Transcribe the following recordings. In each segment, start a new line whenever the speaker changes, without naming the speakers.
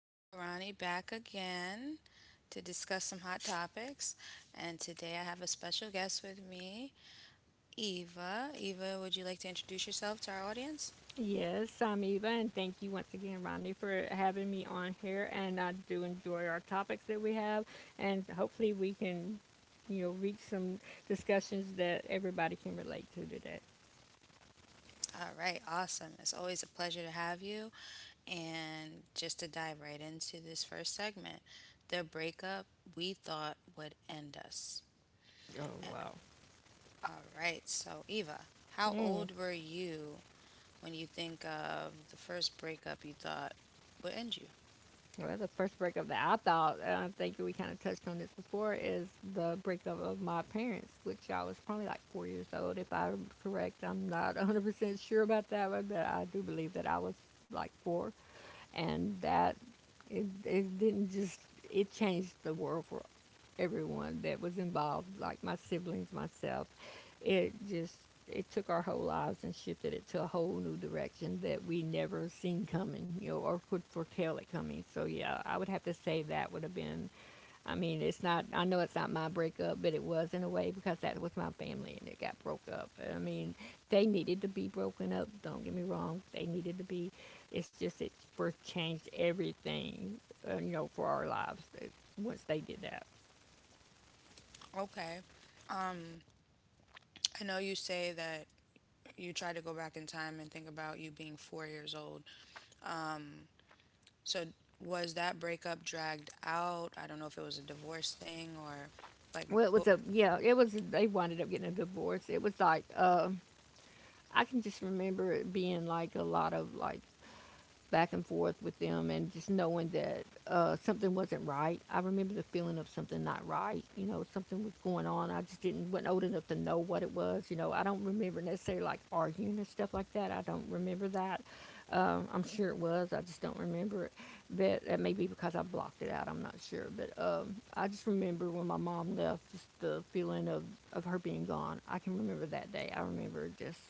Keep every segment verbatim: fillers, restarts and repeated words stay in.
it's your girl Ronnie back again to discuss some hot topics. And today I have a special guest with me, Eva. Eva, would you like to introduce yourself to our audience?
Yes, I'm Eva, and thank you once again, Ronnie, for having me on here. And I do enjoy our topics that we have, and hopefully we can, you know, reach some discussions that everybody can relate to today.
All right, awesome. It's always a pleasure to have you. And just to dive right into this first segment, the breakup we thought would end us.
Oh wow.
A- All right, so Eva,
Mm.
how old were you when you think of the first breakup you thought would end you?
Well, the first breakup that I thought, and I think we kind of touched on this before, is the breakup of my parents, which I was probably like four years old, if I'm correct. I'm not one hundred percent sure about that one, but I do believe that I was like four. And that, it, it didn't just, it changed the world for everyone that was involved, like my siblings, myself. It just, it took our whole lives and shifted it to a whole new direction that we never seen coming, you know, or could foretell it coming. So yeah, I would have to say that would have been. I mean, it's not. I know it's not my breakup, but it was in a way because that was my family, and it got broke up. I mean, they needed to be broken up. Don't get me wrong. They needed to be. It's just, it first changed everything, uh, you know, for our lives. uh, Once they did that.
Okay. Um, I know you say that you try to go back in time and think about you being four years old. Um, so was that breakup dragged out? I don't know if it was a divorce thing or
Well, it
like
was a,
what.
yeah. It was, they wound up getting a divorce. It was like, uh, I can just remember it being like a lot of like back and forth with them and just knowing that uh, something wasn't right. I remember the feeling of something not right. You know, something was going on. I just didn't, wasn't old enough to know what it was. You know, I don't remember necessarily like arguing and stuff like that. I don't remember that. Um, I'm sure it was. I just don't remember it. But that may be because I blocked it out. I'm not sure. But um, I just remember when my mom left, just the feeling of, of her being gone. I can remember that day. I remember just,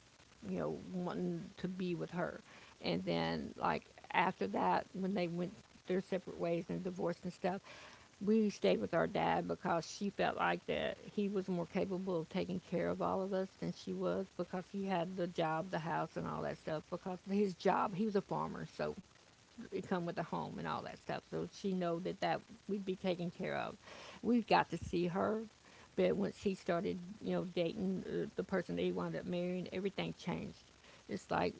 you know, wanting to be with her and then like after that, when they went their separate ways and divorced and stuff, we stayed with our dad because she felt like that he was more capable of taking care of all of us than she was because he had the job, the house, and all that stuff. Because his job, he was a farmer, so it come with a home and all that stuff. So she know that, that we'd be taken care of. We got to see her, but once he started, you know, dating uh, the person that he wound up marrying, everything changed. It's like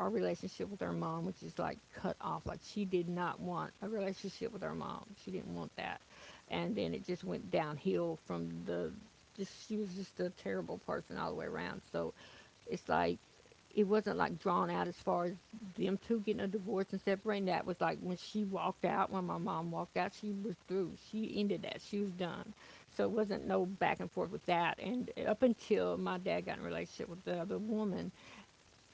our relationship with our mom which is like cut off. Like she did not want a relationship with her mom. She didn't want that, and then it just went downhill from the. Just, she was just a terrible person all the way around. So it's like, it wasn't like drawn out as far as them two getting a divorce and separating. That was like when she walked out, when my mom walked out she was through, she ended that, she was done, so it wasn't no back and forth with that. And up until my dad got in a relationship with the other woman,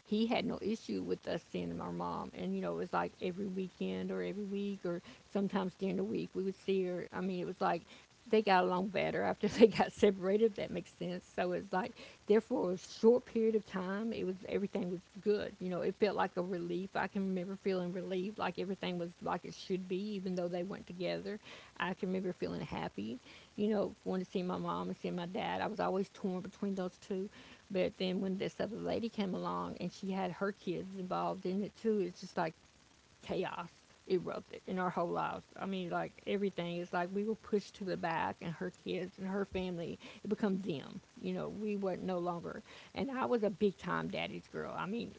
he had no issue with us seeing our mom. And, you know, it was like every weekend or every week or sometimes during the week we would see her. I mean, it was like they got along better after they got separated, if that makes sense. So it's like, therefore, a short period of time, it was, everything was good. You know, it felt like a relief. I can remember feeling relief, like everything was like it should be, even though they weren't together. I can remember feeling happy. You know, wanting to see my mom and seeing my dad. I was always torn between those two. But then when this other lady came along and she had her kids involved in it too, it's just like chaos erupted in our whole lives. I mean, like everything is like we were pushed to the back, and her kids and her family, it becomes them. You know, we were no longer. And I was a big time daddy's girl. I mean,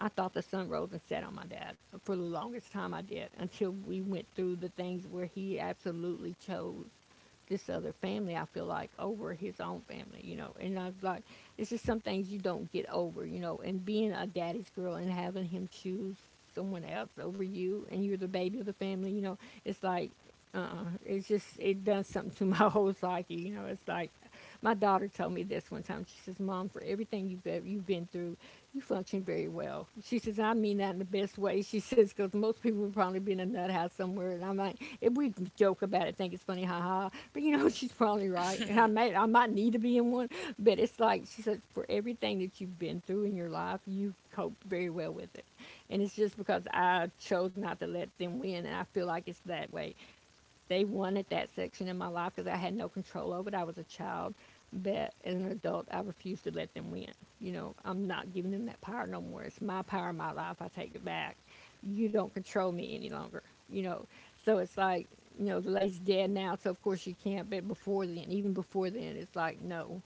I thought the sun rose and set on my dad for the longest time, I did, until we went through the things where he absolutely chose this other family, I feel like, over his own family, you know. And I was like, it's just some things you don't get over, you know. And being a daddy's girl and having him choose someone else over you, and you're the baby of the family, you know, it's like, uh-uh. It's just, it does something to my whole psyche, you know. It's like, my daughter told me this one time. She says, "Mom, for everything you've ever, you've been through, you function very well. She says, I mean that in the best way. She says, because most people would probably be in a nut house somewhere. And I'm like, if we joke about it, think it's funny, haha. But you know, she's probably right. And I may, I might need to be in one. But it's like, she says, for everything that you've been through in your life, you've coped very well with it. And it's just because I chose not to let them win. And I feel like it's that way. They wanted that section in my life because I had no control over it. I was a child, but as an adult, I refuse to let them win. You know, I'm not giving them that power no more. It's my power, my life. I take it back. You don't control me any longer. You know, so it's like, you know, the lady's dead now, so of course you can't. But before then, even before then, it's like, no,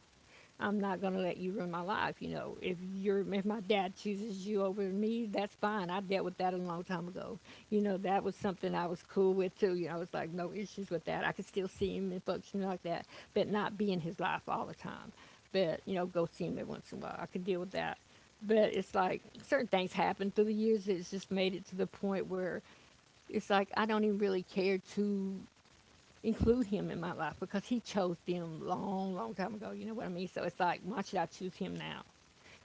I'm not going to let you ruin my life. You know, if you're, if my dad chooses you over me, that's fine. I dealt with that a long time ago. You know, that was something I was cool with too. You know, I was like no issues with that. I could still see him and function like that, but not be in his life all the time. But you know, go see him every once in a while. I could deal with that. But it's like certain things happen through the years. It's just made it to the point where it's like I don't even really care to include him in my life because he chose them long, long time ago. You know what I mean? So it's like, why should I choose him now?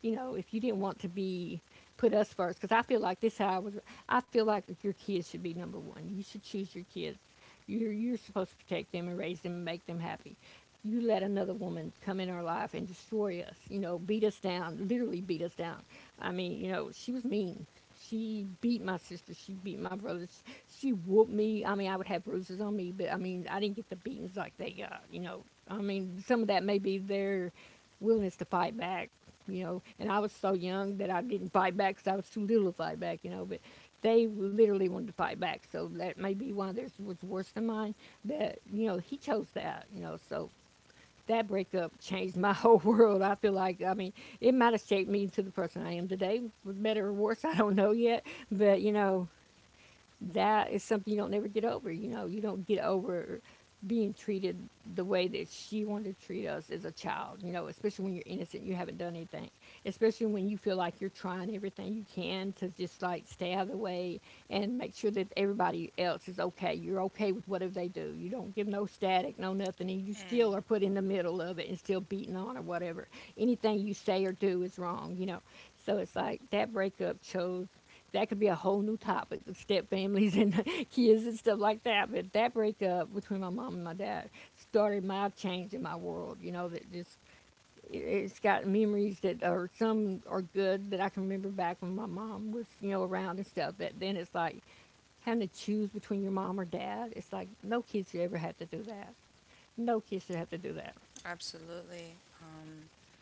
You know, if you didn't want to be, put us first, because I feel like this is how I was. I feel like your kids should be number one. You should choose your kids. You're you're supposed to protect them and raise them and make them happy. You let another woman come in our life and destroy us. You know, beat us down, literally beat us down. I mean, you know, she was mean. She beat my sister. She beat my brothers. She whooped me. I mean, I would have bruises on me, but I mean, I didn't get the beatings like they got. You know, I mean, some of that may be their willingness to fight back. You know, and I was so young that I didn't fight back because I was too little to fight back. You know, but they literally wanted to fight back, so that may be why theirs was worse than mine. But you know, he chose that. You know, so that breakup changed my whole world. I feel like, I mean, it might have shaped me to the person I am today, for better or worse. I don't know yet, but you know, that is something you don't never get over. You know, you don't get over being treated the way that she wanted to treat us as a child. You know, especially when you're innocent, you haven't done anything. Especially when you feel like you're trying everything you can to just like stay out of the way and make sure that everybody else is okay. You're okay with whatever they do. You don't give no static, no nothing, and you still are put
Mm,
in the middle of it and still beaten on or whatever. Anything you say or do is wrong. You know, so it's like that breakup chose, that could be a whole new topic of step families and kids and stuff like that. But that breakup between my mom and my dad started my change in my world. You know, that just, it- it's got memories that are, some are good that I can remember back when my mom was, you know, around and stuff. But then it's like having to choose between your mom or dad. It's like no kid should ever have to do that. No kid should have to do that.
absolutely. Um,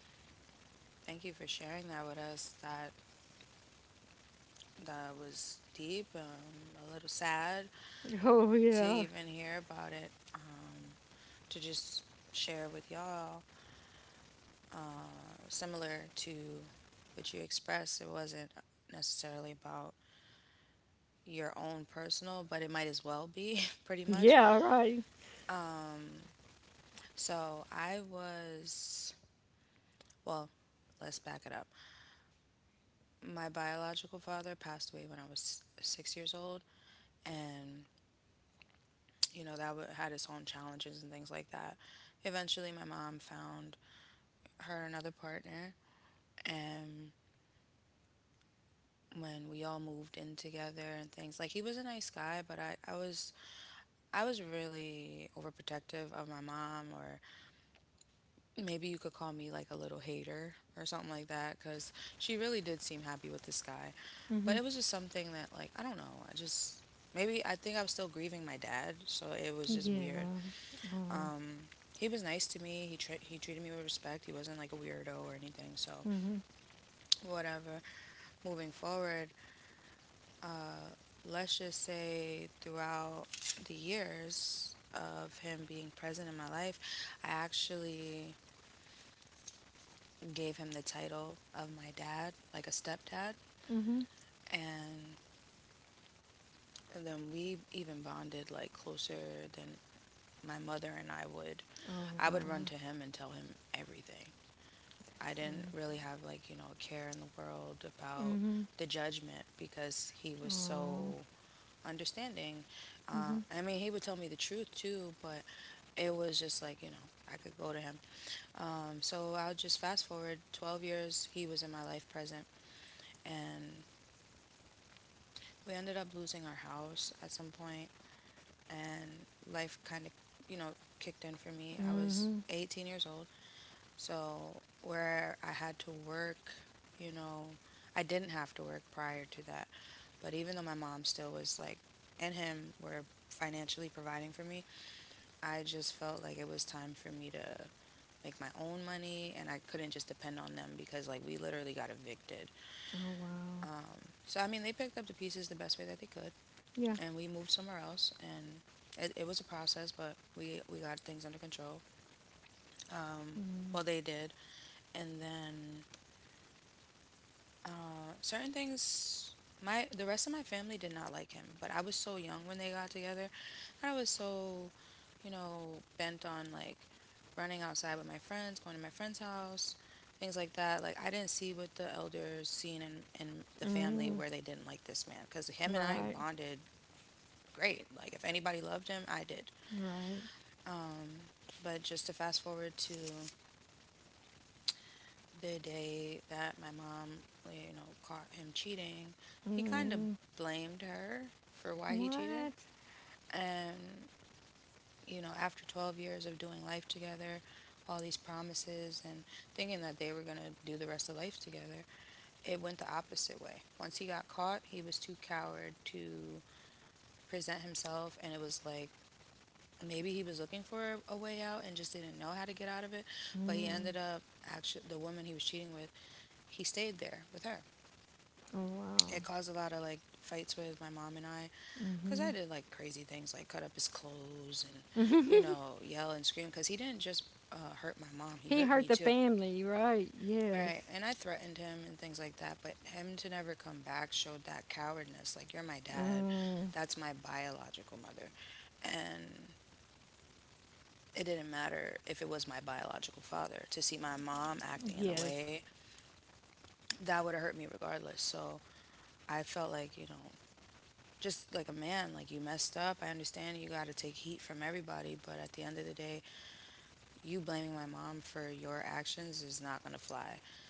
Thank you for sharing that with us. That that was deep. Um, a little sad
Oh yeah,
to even hear about it. Um. To just share with y'all, uh, similar to what you expressed, it wasn't necessarily about your own personal, but it might as well be pretty
yeah
much.
right.
Um, so I was, well, let's back it up. My biological father passed away when I was six years old, and you know that would- had its own challenges and things like that. Eventually, my mom found her another partner, and when we all moved in together and things. Like he was a nice guy, but I, I was I was really overprotective of my mom, or maybe you could call me like a little hater or something like that, cuz she really did seem happy with this guy.
Mhm.
But it was just something that, like, I don't know, I just maybe, I think I was still grieving my dad, so it was just
Yeah.
weird.
Oh.
Um he was nice to me. He tre- he treated me with respect. He wasn't like a weirdo or anything. So
Mhm.
whatever. Moving forward, Uh, let's just say throughout the years of him being present in my life, I actually gave him the title of my dad, like a stepdad.
Mhm.
And then we even bonded like closer than my mother and I would.
Oh wow.
I would run to him and tell him everything.
So
I didn't really have, like, you know, a care in the world
Mm-hmm.
about the judgment because he was
Oh.
so understanding.
Mm-hmm.
Uh, I mean, he would tell me the truth too, but it was just like, you know, I could go to him. Um, so I'll just fast forward twelve years, he was in my life present. And we ended up losing our house at some point, and life kind of, you know, kicked in for me. I
Mm-hmm.
was eighteen years old, so where I had to work, you know. I didn't have to work prior to that. But even though my mom still was like, and him were financially providing for me, I just felt like it was time for me to make my own money and I couldn't just depend on them because, like, we literally got evicted.
Oh wow.
Um, so I mean they picked up the pieces the best way that they could,
Yeah.
and we moved somewhere else and it, it was a process, but we we got things under control. Um, well, they did. And then Uh, certain things, my the rest of my family did not like him, but I was so young when they got together. And I was so, you know, bent on like running outside with my friends, going to my friend's house, things like that. Like I didn't see what the elders seen in in the
Mm.
family, where they didn't like this man, cuz him and
Right.
I bonded great. Like if anybody loved him, I did.
Right.
Um, but just to fast forward to the day that my mom, you know, caught him cheating, he
Mm.
kind of blamed her for why he
What?
cheated. And, you know, after twelve years of doing life together, all these promises and thinking that they were going to do the rest of life together, it went the opposite way. Once he got caught, he was too coward to present himself. And it was like, maybe he was looking for a way out and just didn't know how to get out of it. But
Mm.
he ended up actually, the woman he was cheating with, he stayed there with her.
Oh wow.
It caused a lot of like fights with my mom and I,
Mm-hmm.
because I did like crazy things like cut up his clothes and, you know, yell and scream because he didn't just uh, hurt my
He
mom, he
hurt the
hurt me too.
family, right? Yes.
Right. And I threatened him and things like that. But him to never come back showed that cowardness. Like, you're my dad.
Mm.
That's my biological mother. And it didn't matter if it was my biological father. To see my mom acting in
Yes.
a way that would have hurt me regardless. So I felt like, you know, just like a man, like you messed up. I understand you got to take heat from everybody, but at the end of the day, you blaming my mom for your actions is not going to fly.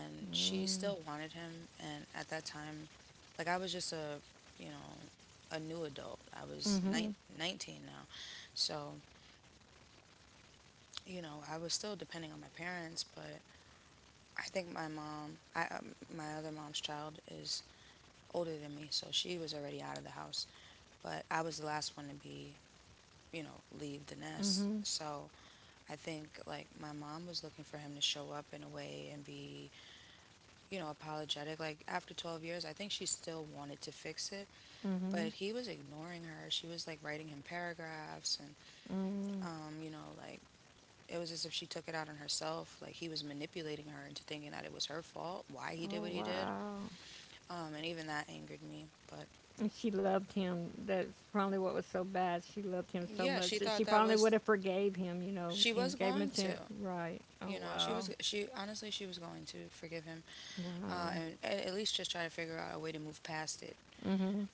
And she still wanted him. And at that time, like I was just a, you know, a new adult. I was
Mm-hmm.
nine, nineteen now. So, you know, I was still depending on my parents. But I think my mom, I, um, my other mom's child is older than me, so she was already out of the house. But I was the last one to, be you know, leave the
Mm-hmm.
nest. So I think like my mom was looking for him to show up in a way and be, you know, apologetic. Like after twelve years, I think she still wanted to fix it,
Mm-hmm.
but he was ignoring her. She was like writing him paragraphs and,
Mm.
um, you know, like it was as if she took it out on herself. Like he was manipulating her into thinking that it was her fault, why
Oh
he did what he did.
wow.
Um, and even that angered me. But
And she loved him. That's probably what was so bad. She loved him so much
yeah,
that
she
she
thought
probably
that
would have
was,
forgave him, you know, and
she
gave
was
him a
going
chance.
to.
Right. Oh
You know,
wow.
she was, she honestly, she was going to forgive him.
Wow.
Uh, and a- at least just try to figure out a way to move past it.
Mm-hmm.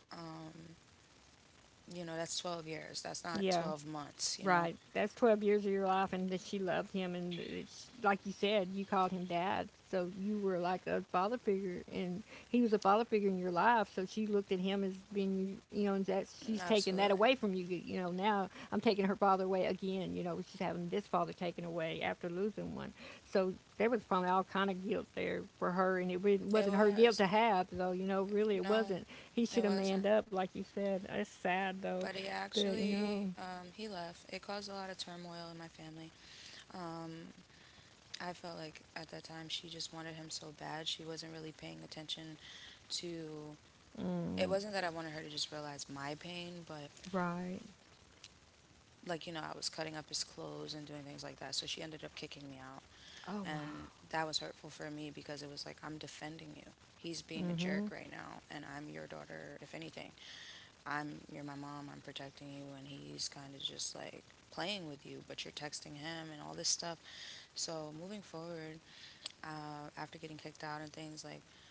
You know, that's twelve years. That's
Yeah,
not twelve months, you
right.
know?
That's twelve years of your life, and that she loved him. And it's like you said, you called him dad. So you were like a father figure, and he was a father figure in your life. So she looked at him as being, you know, and that she's taking that away
Absolutely.
from you. You know, now I'm taking her father away again. You know, she's having this father taken away after losing one. So there was probably all kind of guilt there for her, and it wa- wasn't
It
her guilt to
was.
have, though. You know, really, it wasn't.
No,
He should have
it
manned
wasn't.
up, like you said. It's sad, though.
But he
But, you know,
actually, um, he left. It caused a lot of turmoil in my family. Um, I felt like at that time she just wanted him so bad. She wasn't really paying attention to. It wasn't that I wanted her to just realize my pain, but
right.
like, you know, I was cutting up his clothes and doing things like that. So she ended up kicking me out.
Oh wow.
And that was hurtful for me because it was like, I'm defending you. He's being a
Mm-hmm.
jerk right now, and I'm your daughter. If anything, I'm you're my mom. I'm protecting you, and he's kind of just like playing with you, but you're texting him and all this stuff. So moving forward, uh, after getting kicked out and things like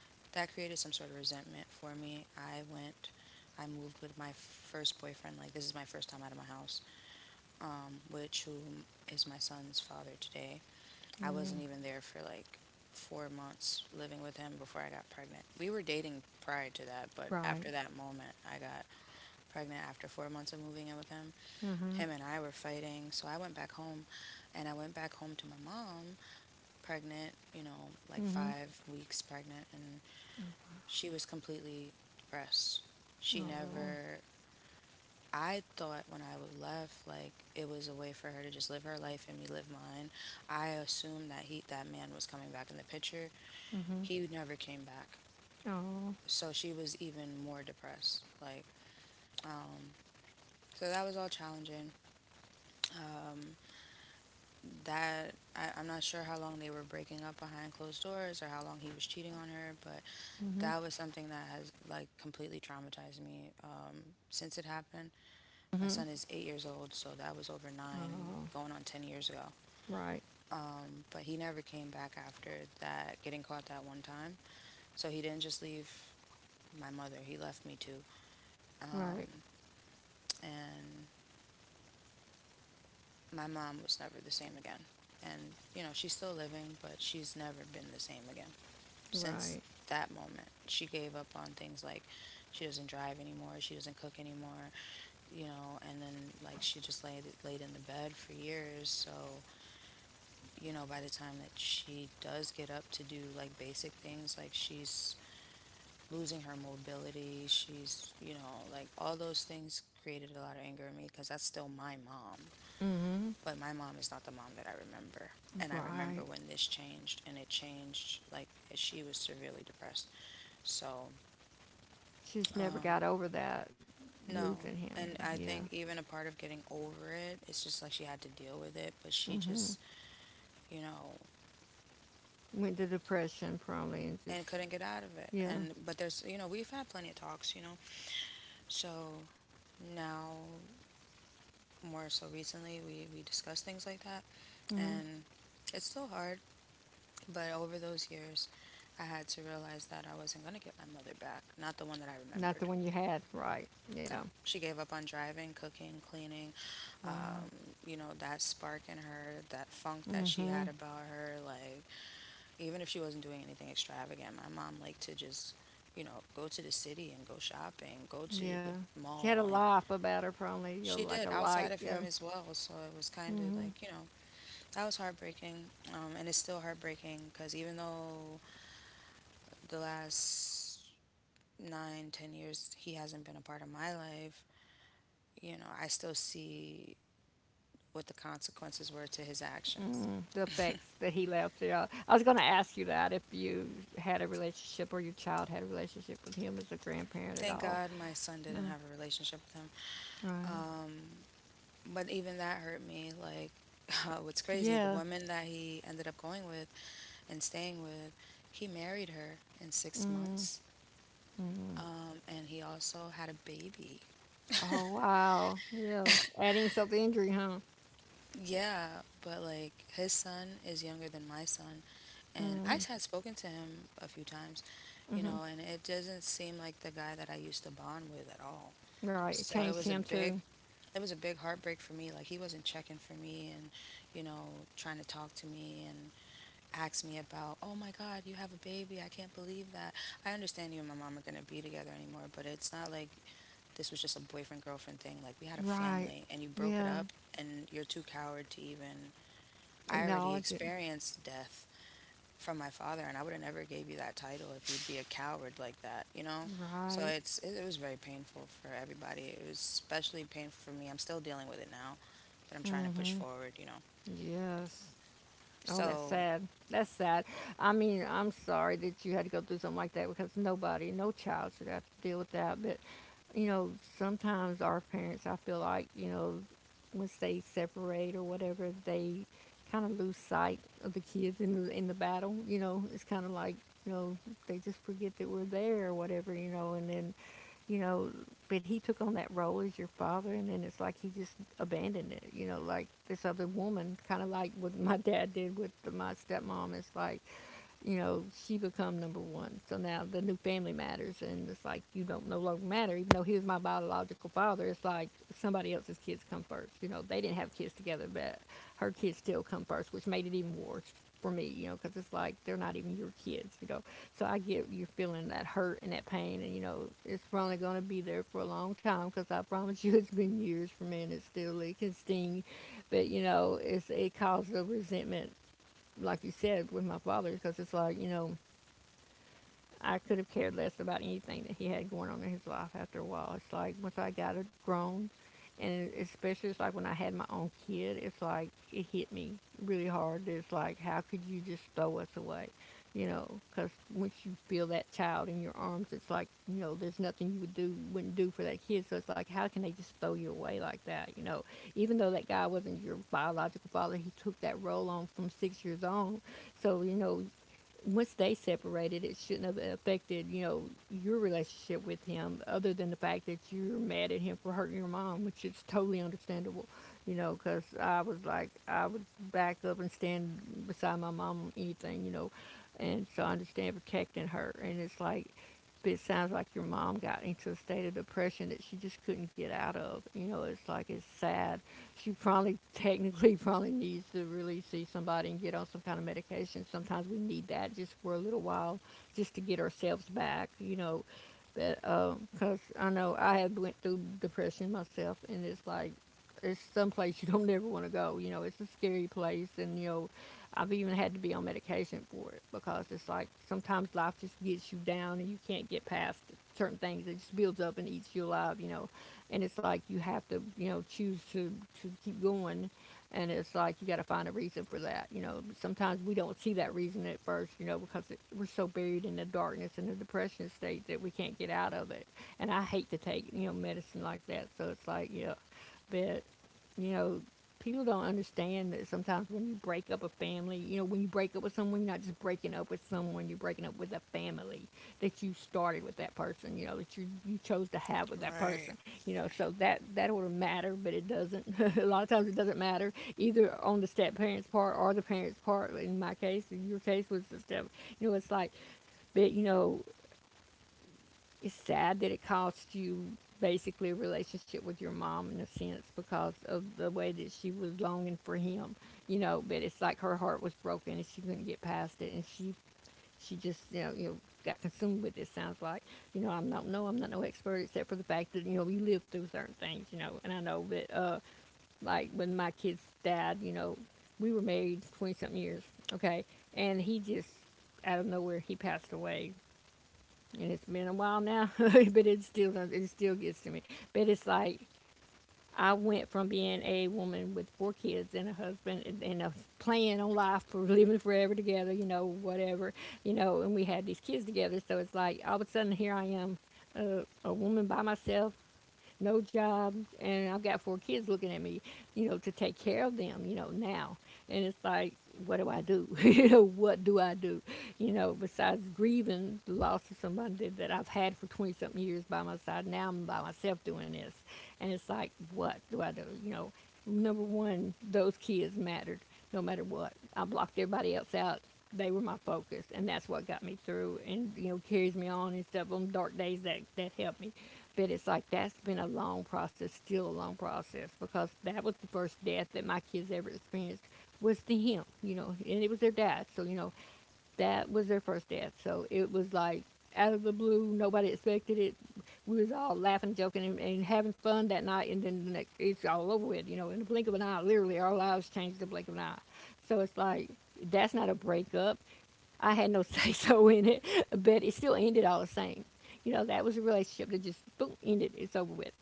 that, created some sort of resentment for me. I went. I moved with my first boyfriend. Like, this is my first time out of my house, um, which who is my son's father today. I
Mm.
wasn't even there for like four months living with him before I got pregnant. We were dating prior to that, but
Right.
after that moment, I got pregnant after four months of moving in with him.
Mm-hmm.
Him and I were fighting, so I went back home and I went back home to my mom, pregnant, you know, like
Mm-hmm.
five weeks pregnant, and she was completely depressed. She
Oh.
never. I thought when I was left, like it was a way for her to just live her life and me live mine. I assumed that he, that man, was coming back in the picture.
Mm-hmm.
He never came back.
Oh.
So she was even more depressed. Like, um, so that was all challenging. Um, that I, I'm not sure how long they were breaking up behind closed doors or how long he was cheating on her, but
Mm-hmm.
that was something that has like completely traumatized me um, since it happened.
Mm-hmm.
My son is eight years old, so that was over
Oh.
nine, going on ten years ago.
Right.
Um, but he never came back after that, getting caught that one time. So he didn't just leave my mother, he left me too.
Right.
Um, and my mom was never the same again. And, you know, she's still living, but she's never been the same again
Right.
since that moment. She gave up on things like she doesn't drive anymore, she doesn't cook anymore, you know, and then like she just laid laid in the bed for years. So, you know, by the time that she does get up to do like basic things, like she's losing her mobility, she's, you know, like all those things created a lot of anger in me because that's still my mom.
Mm-hmm.
But my mom is not the mom that I remember. And I
Right.
remember when this changed, and it changed like she was severely depressed. So,
She's never got
um,
over that losing
no.
him. Then.
And
Yeah.
I think even a part of getting over it, it's just like she had to deal with it, but she
Mm-hmm.
just, you know,
Went to depression probably and just
and couldn't get out of it.
yeah.
And, but there's, you know, we've had plenty of talks, you know. So now, more so recently, we, we discuss things like that.
Mm-hmm.
And it's still hard. But over those years, I had to realize that I wasn't going to get my mother back. Not the one that I
Not the one
remembered.
you had. Right. Yeah.
No. She gave up on driving, cooking, cleaning.
Wow.
Um, you know, that spark in her, that funk that she
Mm-hmm.
had about her. Like, even if she wasn't doing anything extravagant, my mom liked to just, you know, go to the city and go shopping, go
Yeah.
to the
She had a
mall. And
life about her probably. You know,
she
like a
did
light.
outside of
Yeah.
him as well. So it was kind
Mm-hmm.
of like, you know, that was heartbreaking. Um, and it's still heartbreaking because even though the last nine, ten years he hasn't been a part of my life, you know, I still see what the consequences were to his
Mm,
actions.
the effects that he left. Yeah, I was going to ask you that if you had a relationship or your child had a relationship with him as a grandparent at
Thank
all.
God my son
No,
didn't have a relationship with him.
right?
But even that hurt me. Like, what's crazy,
Yeah.
the woman that he ended up going with and staying with, he married her in six
Mm.
months. And he also had a baby.
Oh wow. Yeah. Adding insult to injury, huh?
Yeah, but like his son is younger than my son, and
Mm.
I had spoken to him a few times,
Mm-hmm.
you know, and it doesn't seem like the guy that I used to bond with at all.
Right. It
So
changed
it
him
was a
too.
big, it was a big heartbreak for me. Like he wasn't checking for me, and you know, trying to talk to me and ask me about, oh my God, you have a baby. I can't believe that. I understand you and my mom are gonna be together anymore, but it's not like this was just a boyfriend girlfriend thing. Like we had a
Right.
family, and you broke
Yeah.
it up, and you're too coward to even. I already
Acknowledging.
experienced death from my father, and I would have never gave you that title if you'd be a coward like that, you know?
Right.
So it's it, it was very painful for everybody. It was especially painful for me. I'm still dealing with it now, but I'm trying to
Mm-hmm.
push forward, you know.
Yes. Oh, that's
So,
sad. That's sad. I mean, I'm sorry that you had to go through something like that because nobody, no child should have to deal with that. But, you know, sometimes our parents, I feel like, you know, once they separate or whatever, they kind of lose sight of the kids in the in the battle. You know, it's kind of like, you know, they just forget that we're there or whatever. You know, and then, you know, but he took on that role as your father, and then it's like he just abandoned it. You know, like this other woman, kind of like what my dad did with the, my stepmom. It's like, you know, she become number one. So now the new family matters, and it's like you don't no longer matter. Even though he was my biological father, it's like somebody else's kids come first. You know, they didn't have kids together, but her kids still come first, which made it even worse for me. You know, because it's like they're not even your kids. You know, so I get you feeling that hurt and that pain, and you know it's probably going to be there for a long time because I promise you it's been years for me and it still it can sting, but you know it's it causes a resentment, like you said with my father, because it's like, you know, I could have cared less about anything that he had going on in his life after a while. It's like once I got a grown, and especially it's like when I had my own kid, it's like it hit me really hard. It's like, how could you just throw us away? You know, because once you feel that child in your arms, it's like, you know, there's nothing you would do, wouldn't do for that kid. So it's like, how can they just throw you away like that? You know, even though that guy wasn't your biological father, he took that role on from six years on. So, you know, once they separated, it shouldn't have affected, you know, your relationship with him, other than the fact that you're mad at him for hurting your mom, which is totally understandable, you know, because I was like, I would back up and stand beside my mom on anything, you know, and so I understand protecting her. And it's like, but it sounds like your mom got into a state of depression that she just couldn't get out of. You know, it's like, it's sad she probably technically probably needs to really see somebody and get on some kind of medication. Sometimes we need that just for a little while, just to get ourselves back, you know. But because uh, I know I have went through depression myself, and it's like it's some place you don't never want to go. You know, it's a scary place, and you know, I've even had to be on medication for it because it's like sometimes life just gets you down and you can't get past certain things. It just builds up and eats you alive. You know, and it's like you have to, you know, choose to to keep going, and it's like you got to find a reason for that, you know, sometimes we don't see that reason at first, you know, because it, we're so buried in the darkness and the depression state that we can't get out of it, and I hate to take, you know, medicine like that, so it's like yeah, but, you know, people don't understand that sometimes when you break up a family, you know, when you break up with someone, you're not just breaking up with someone, you're breaking up with a family that you started with that person, you know, that you, you chose to have with that person,
right.
you know, so that, that would matter, but it doesn't. A lot of times it doesn't matter either on the step parents part or the parents part. In my case, in your case was the step, you know, it's like, but you know, it's sad that it cost you basically a relationship with your mom in a sense because of the way that she was longing for him, you know, but it's like her heart was broken and she couldn't get past it and she she just, you know, you know, got consumed with it. Sounds like, you know, I'm not, no, I'm not no expert except for the fact that you know you live through certain things, you know. And I know that, uh, like when my kids died, you know, we were married twenty something years, okay, and he just out of nowhere he passed away, and it's been a while now, but it still, it still gets to me. But it's like I went from being a woman with four kids and a husband and, and a plan on life for living forever together, you know, whatever, you know, and we had these kids together. So it's like all of a sudden here I am a woman by myself, no job, and I've got four kids looking at me, you know, to take care of them, you know, now. And it's like, what do I do? You know, what do I do? You know, besides grieving the loss of somebody that, that I've had for twenty something years by my side, now I'm by myself doing this. And it's like, what do I do? You know, number one, those kids mattered no matter what. I blocked everybody else out, they were my focus, and that's what got me through, and you know carries me on and stuff. On dark days, that that helped me, but it's like that's been a long process, still a long process, because that was the first death that my kids ever experienced was the him, you know, and it was their dad. So you know, that was their first death. So it was like out of the blue, nobody expected it. We was all laughing, joking, and, and having fun that night, and then the next, it's all over with. You know, in the blink of an eye, literally, our lives changed in the blink of an eye. So it's like that's not a breakup. I had no say so in it, but it still ended all the same. You know, that was a relationship that just boom ended. It's over with.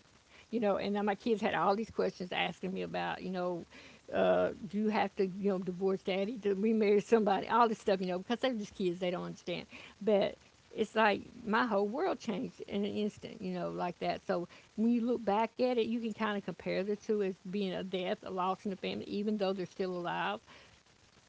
You know, and now my kids had all these questions asking me about, you know, uh, do you have to, you know, divorce daddy to remarry somebody? All this stuff, you know, because they're just kids, they don't understand. But it's like my whole world changed in an instant, you know, like that. So when you look back at it, you can kind of compare the two as being a death, a loss in the family, even though they're still alive,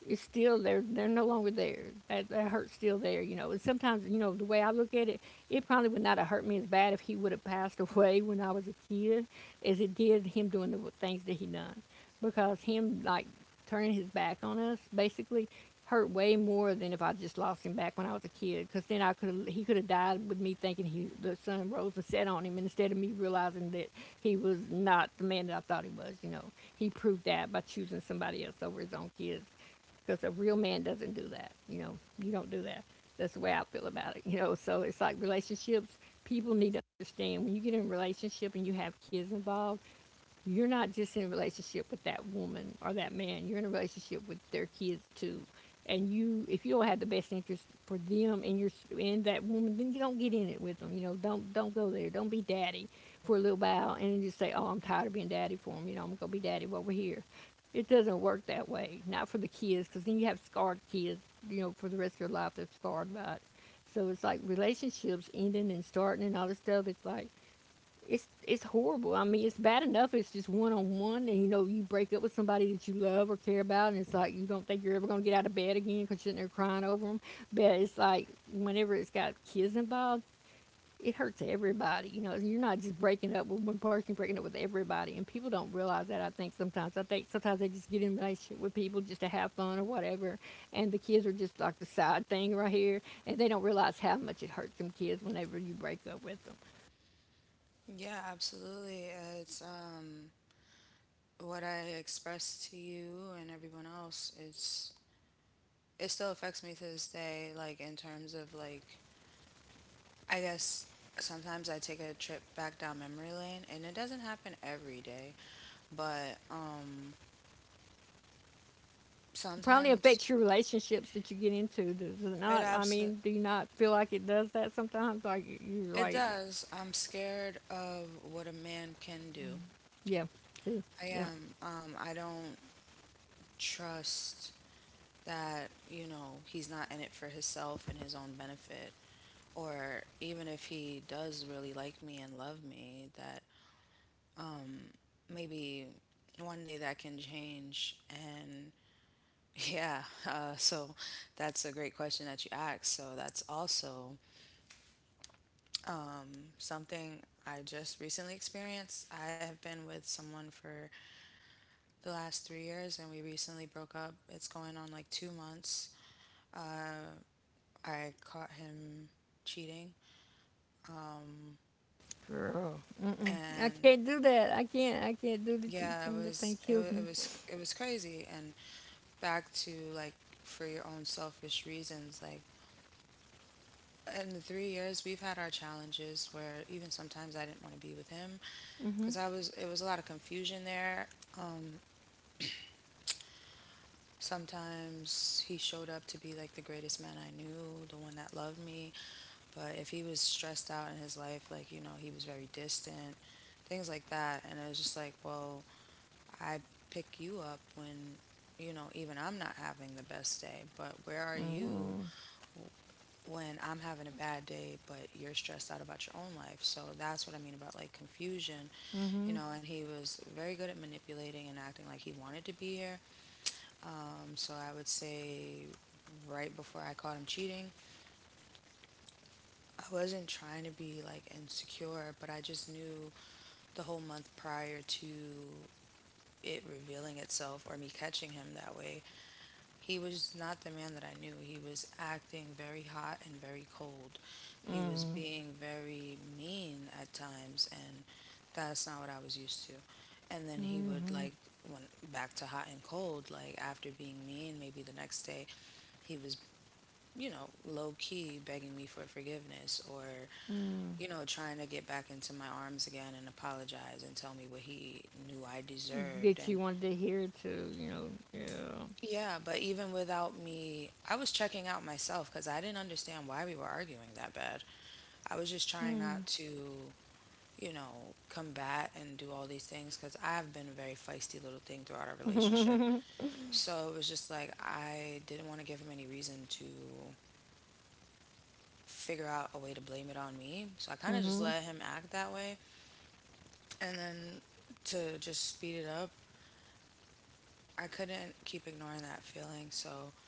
it's still there. They're no longer there. That, that hurt's still there, you know. And sometimes, you know, the way I look at it, it probably would not have hurt me as bad if he would have passed away when I was a kid as it did him doing the things that he done. Because him, like, turning his back on us, basically, hurt way more than if I just lost him back when I was a kid. Because then I could he could have died with me thinking he the sun rose and set on him instead of me realizing that he was not the man that I thought he was. You know, he proved that by choosing somebody else over his own kids because a real man doesn't do that. You know, you don't do that. That's the way I feel about it. You know, so it's like relationships. People need to understand when you get in a relationship and you have kids involved, you're not just in a relationship with that woman or that man, you're in a relationship with their kids too. And you, if you don't have the best interest for them and your and that woman, then you don't get in it with them, you know. Don't don't go there. Don't be daddy for a little while and just say, oh, I'm tired of being daddy for them, you know, I'm gonna be daddy while we're here. It doesn't work that way, not for the kids, because then you have scarred kids, you know, for the rest of your life they're scarred by it. So it's like relationships ending and starting and all this stuff, it's like it's it's horrible. I mean, it's bad enough. It's just one on one, and you know, you break up with somebody that you love or care about, and it's like you don't think you're ever gonna get out of bed again because you're in there crying over them. But it's like whenever it's got kids involved, it hurts everybody. You know, you're not just breaking up with one person, you're breaking up with everybody, and people don't realize that, I think sometimes. I think sometimes they just get in a relationship with people just to have fun or whatever, and the kids are just like the side thing right here, and they don't realize how much it hurts them kids whenever you break up with them.
Yeah, absolutely. Uh, It's um what I expressed to you and everyone else. It's it still affects me to this day, like in terms of like I guess sometimes I take a trip back down memory lane, and it doesn't happen every day, but um,
Probably affects your
sometimes
relationships that you get into. Does it not?
it
I mean,
absolutely
do you not feel like it does that sometimes? Like you're
it
like,
does. I'm scared of what a man can do.
yeah, see,
I
yeah,
am. Um, I don't trust that you know he's not in it for himself and his own benefit, or even if he does really like me and love me, that maybe one day that can change and yeah. Uh, so that's a great question that you asked. So that's also um, something I just recently experienced. I have been with someone for the last three years, and we recently broke up. It's going on like two months. I caught him cheating,
girl, mm-mm. I
and
can't do that. I can't. I can't do the cheat.
yeah, it
That thing
was it,
kills
wa- it
me.
was it was crazy. And back to like for your own selfish reasons, like in the three years we've had our challenges where even sometimes I didn't want to be with him
Mm-hmm.
because I was it was a lot of confusion there. Um, Sometimes he showed up to be like the greatest man I knew, the one that loved me, but if he was stressed out in his life, like you know, he was very distant, things like that, and it was just like, well, I pick you up when you know even I'm not having the best day, but where are you when I'm having a bad day, but you're stressed out about your own life. So that's what I mean about like confusion,
Mm-hmm.
you know. And he was very good at manipulating and acting like he wanted to be here. Um, so I would say right before I caught him cheating, I wasn't trying to be like insecure, but I just knew the whole month prior to it revealing itself or me catching him that way. He was not the man that I knew. He was acting very hot and very cold. He was being very mean at times, and that's not what I was used to. And then he would like went back to hot and cold. Like after being mean, maybe the next day, he was you know low key begging me for forgiveness or you know trying to get back into my arms again and apologize and tell me what he knew I
That
deserved
you
and.
wanted to hear too. You know, yeah.
Yeah, but even without me, I was checking out myself because I didn't understand why we were arguing that bad. I was just trying
Mm-hmm.
not to, you know, combat and do all these things because I've been a very feisty little thing throughout our relationship. So it was just like I didn't want to give him any reason to figure out a way to blame it on me. So I kind of just
Mm-hmm.
let him act that way. And then to just speed it up, I couldn't keep ignoring that feeling. So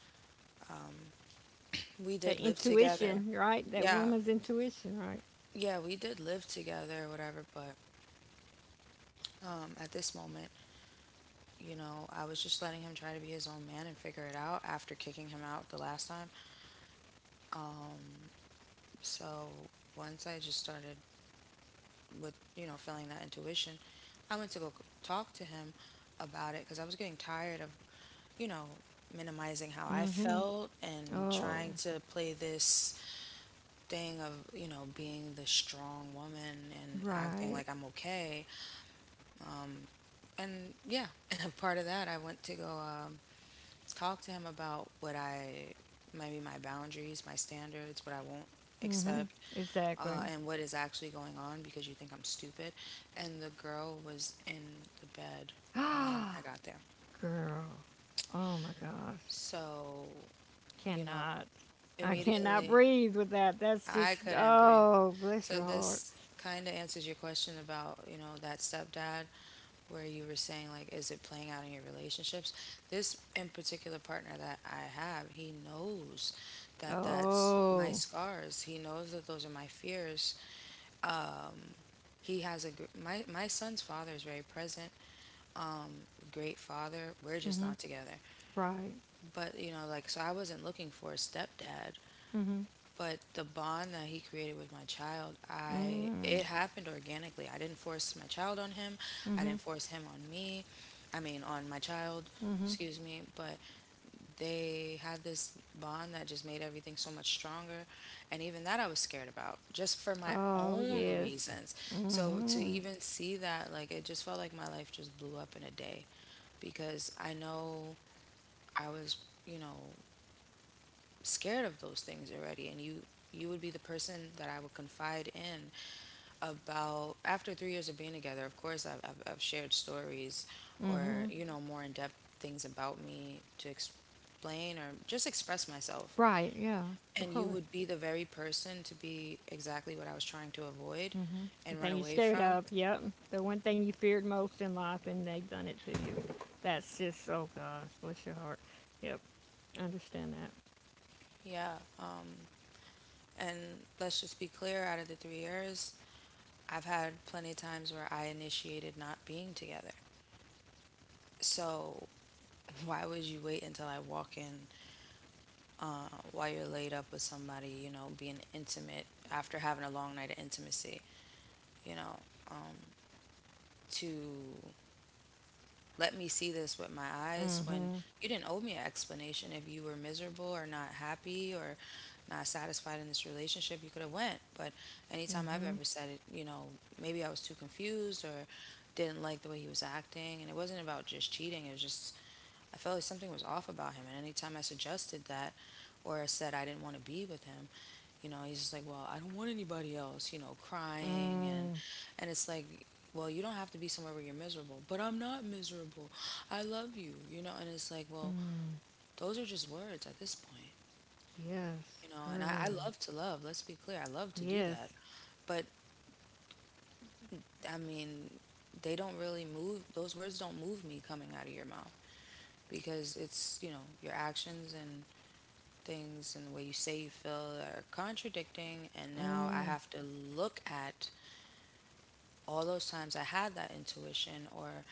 we
That
did live together.
intuition, right? That
Yeah,
woman's intuition, right?
yeah, we did live together or whatever, but um, at this moment, you know, I was just letting him try to be his own man and figure it out after kicking him out the last time. So once I just started with, you know, feeling that intuition, I went to go c- talk to him about it because I was getting tired of, you know, minimizing how I
Mm-hmm.
felt and
Oh,
trying to play this thing of, you know, being the strong woman and acting
right.
like I'm okay. And yeah, part of that, I went to go. Um, talk to him about what I maybe my boundaries, my standards, what I won't
Mm-hmm.
accept,
Exactly.
uh, and what is actually going on because you think I'm stupid. And the girl was in the bed when
Ah.
I got there.
Girl. Oh my gosh.
So, you know,
Cannot. I cannot
immediately
breathe with that. That's
I
just,
couldn't breathe.
oh, bless your
So
heart.
this kind of answers your question about, you know, that stepdad where you were saying like is it playing out in your relationships? This in particular partner that I have, he knows that that's my
Oh.
scars. He knows that those are my fears. He has a gr- my my son's father is very present. Um, great father. We're
mm
just
hmm
not together.
Right.
But, you know, like so I wasn't looking for a stepdad.
Hmm.
But the bond that he created with my child, I
mm
it happened organically. I didn't force my child on him.
hmm
I
hmm.
didn't force him on me, I mean on my child,
Hmm.
excuse me, but they had this bond that just made everything so much stronger, and even that I was scared about just for my
Oh,
own
yes.
reasons.
mm
So to
hmm
even see that like it just felt like my life just blew up in a day because I know I was, you know, scared of those things already and you you would be the person that I would confide in about. After three years of being together, of course I've, I've, I've shared stories
mm hmm
or you know more in-depth things about me to explain or just express myself,
Right, yeah. Of
and you
course.
would be the very person to be exactly what I was trying to avoid
Mm hmm The
and
thing
run
you're
away
scared
from.
of. Yep. The one thing you feared most in life and they've done it to you. That's just, oh gosh, bless your heart. Yep. Understand that.
Yeah, um, and let's just be clear, out of the three years I've had plenty of times where I initiated not being together. So why would you wait until I walk in, uh, while you're laid up with somebody, you know, being intimate after having a long night of intimacy, you know, um, to let me see this with my
Mm
eyes
hmm
when you didn't owe me an explanation? If you were miserable or not happy or not satisfied in this relationship, you could have went. But
mm
anytime I've
hmm
ever said it, you know, maybe I was too confused or didn't like the way he was acting, and it wasn't about just cheating, it was just I felt like something was off about him. And anytime I suggested that or said I didn't want to be with him, you know, he's just like, well, I don't want anybody else, you know, crying
Mm,
and. And it's like, well, you don't have to be somewhere where you're miserable. But I'm not miserable. I love you, you know, and it's like, well,
mm,
those are just words at this point,
yes,
you know, and I, I
girl.
love to love, let's be clear. I love to do
Yes.
that. But I mean, they don't really move, those words don't move me coming out of your mouth because it's, you know, your actions and things, and the way you say you feel are contradicting. And now I
Mm.
have to look at all those times I had that intuition, or,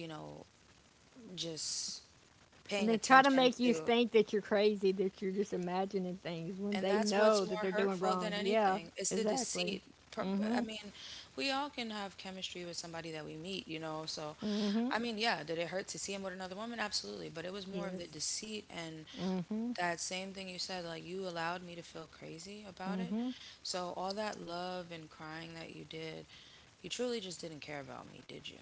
you know, just
And
paying
they try to
attention
make you
to.
think that you're crazy, that you're just imagining things when
And
they
that's
know
what's
that they're
more
doing
hurtful
wrong.
than
Yeah,
anything. It's the
exactly.
deceit. Pro-
Mm-hmm.
I mean, we all can have chemistry with somebody that we meet, you know. So,
Mm-hmm.
I mean, yeah, did it hurt to see him with another woman? Absolutely. But it was more of the
Yes.
deceit, and
Mm-hmm.
that same thing you said, like, you allowed me to feel crazy about it.
Mm-hmm.
So, all that love and crying that you did, you truly just didn't care about me, did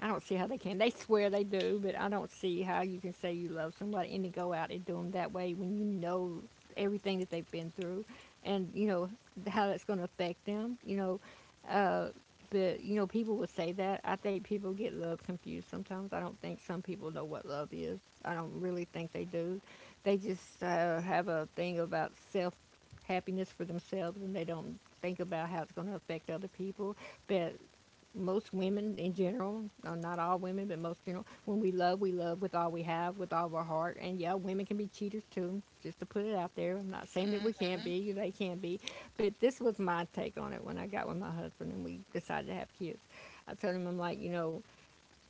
I don't see how they can. They swear they do, but I don't see how you can say you love somebody and to go out and do them that way when you know everything that they've been through, and, you know, how that's going to affect them. You know, uh, but you know, people would say that. I think people get love confused sometimes. I don't think some people know what love is. I don't really think they do. They just uh, have a thing about self happiness for themselves, and they don't think about how it's going to affect other people. But most women in general, uh, not all women, but most general, when we love, we love with all we have, with all of our heart. And yeah, women can be cheaters too, just to put it out there. I'm not saying that we can't
you?
be, they can be, but this was my take on it when I got with my husband and we decided to have kids. I told him, I'm like, you know,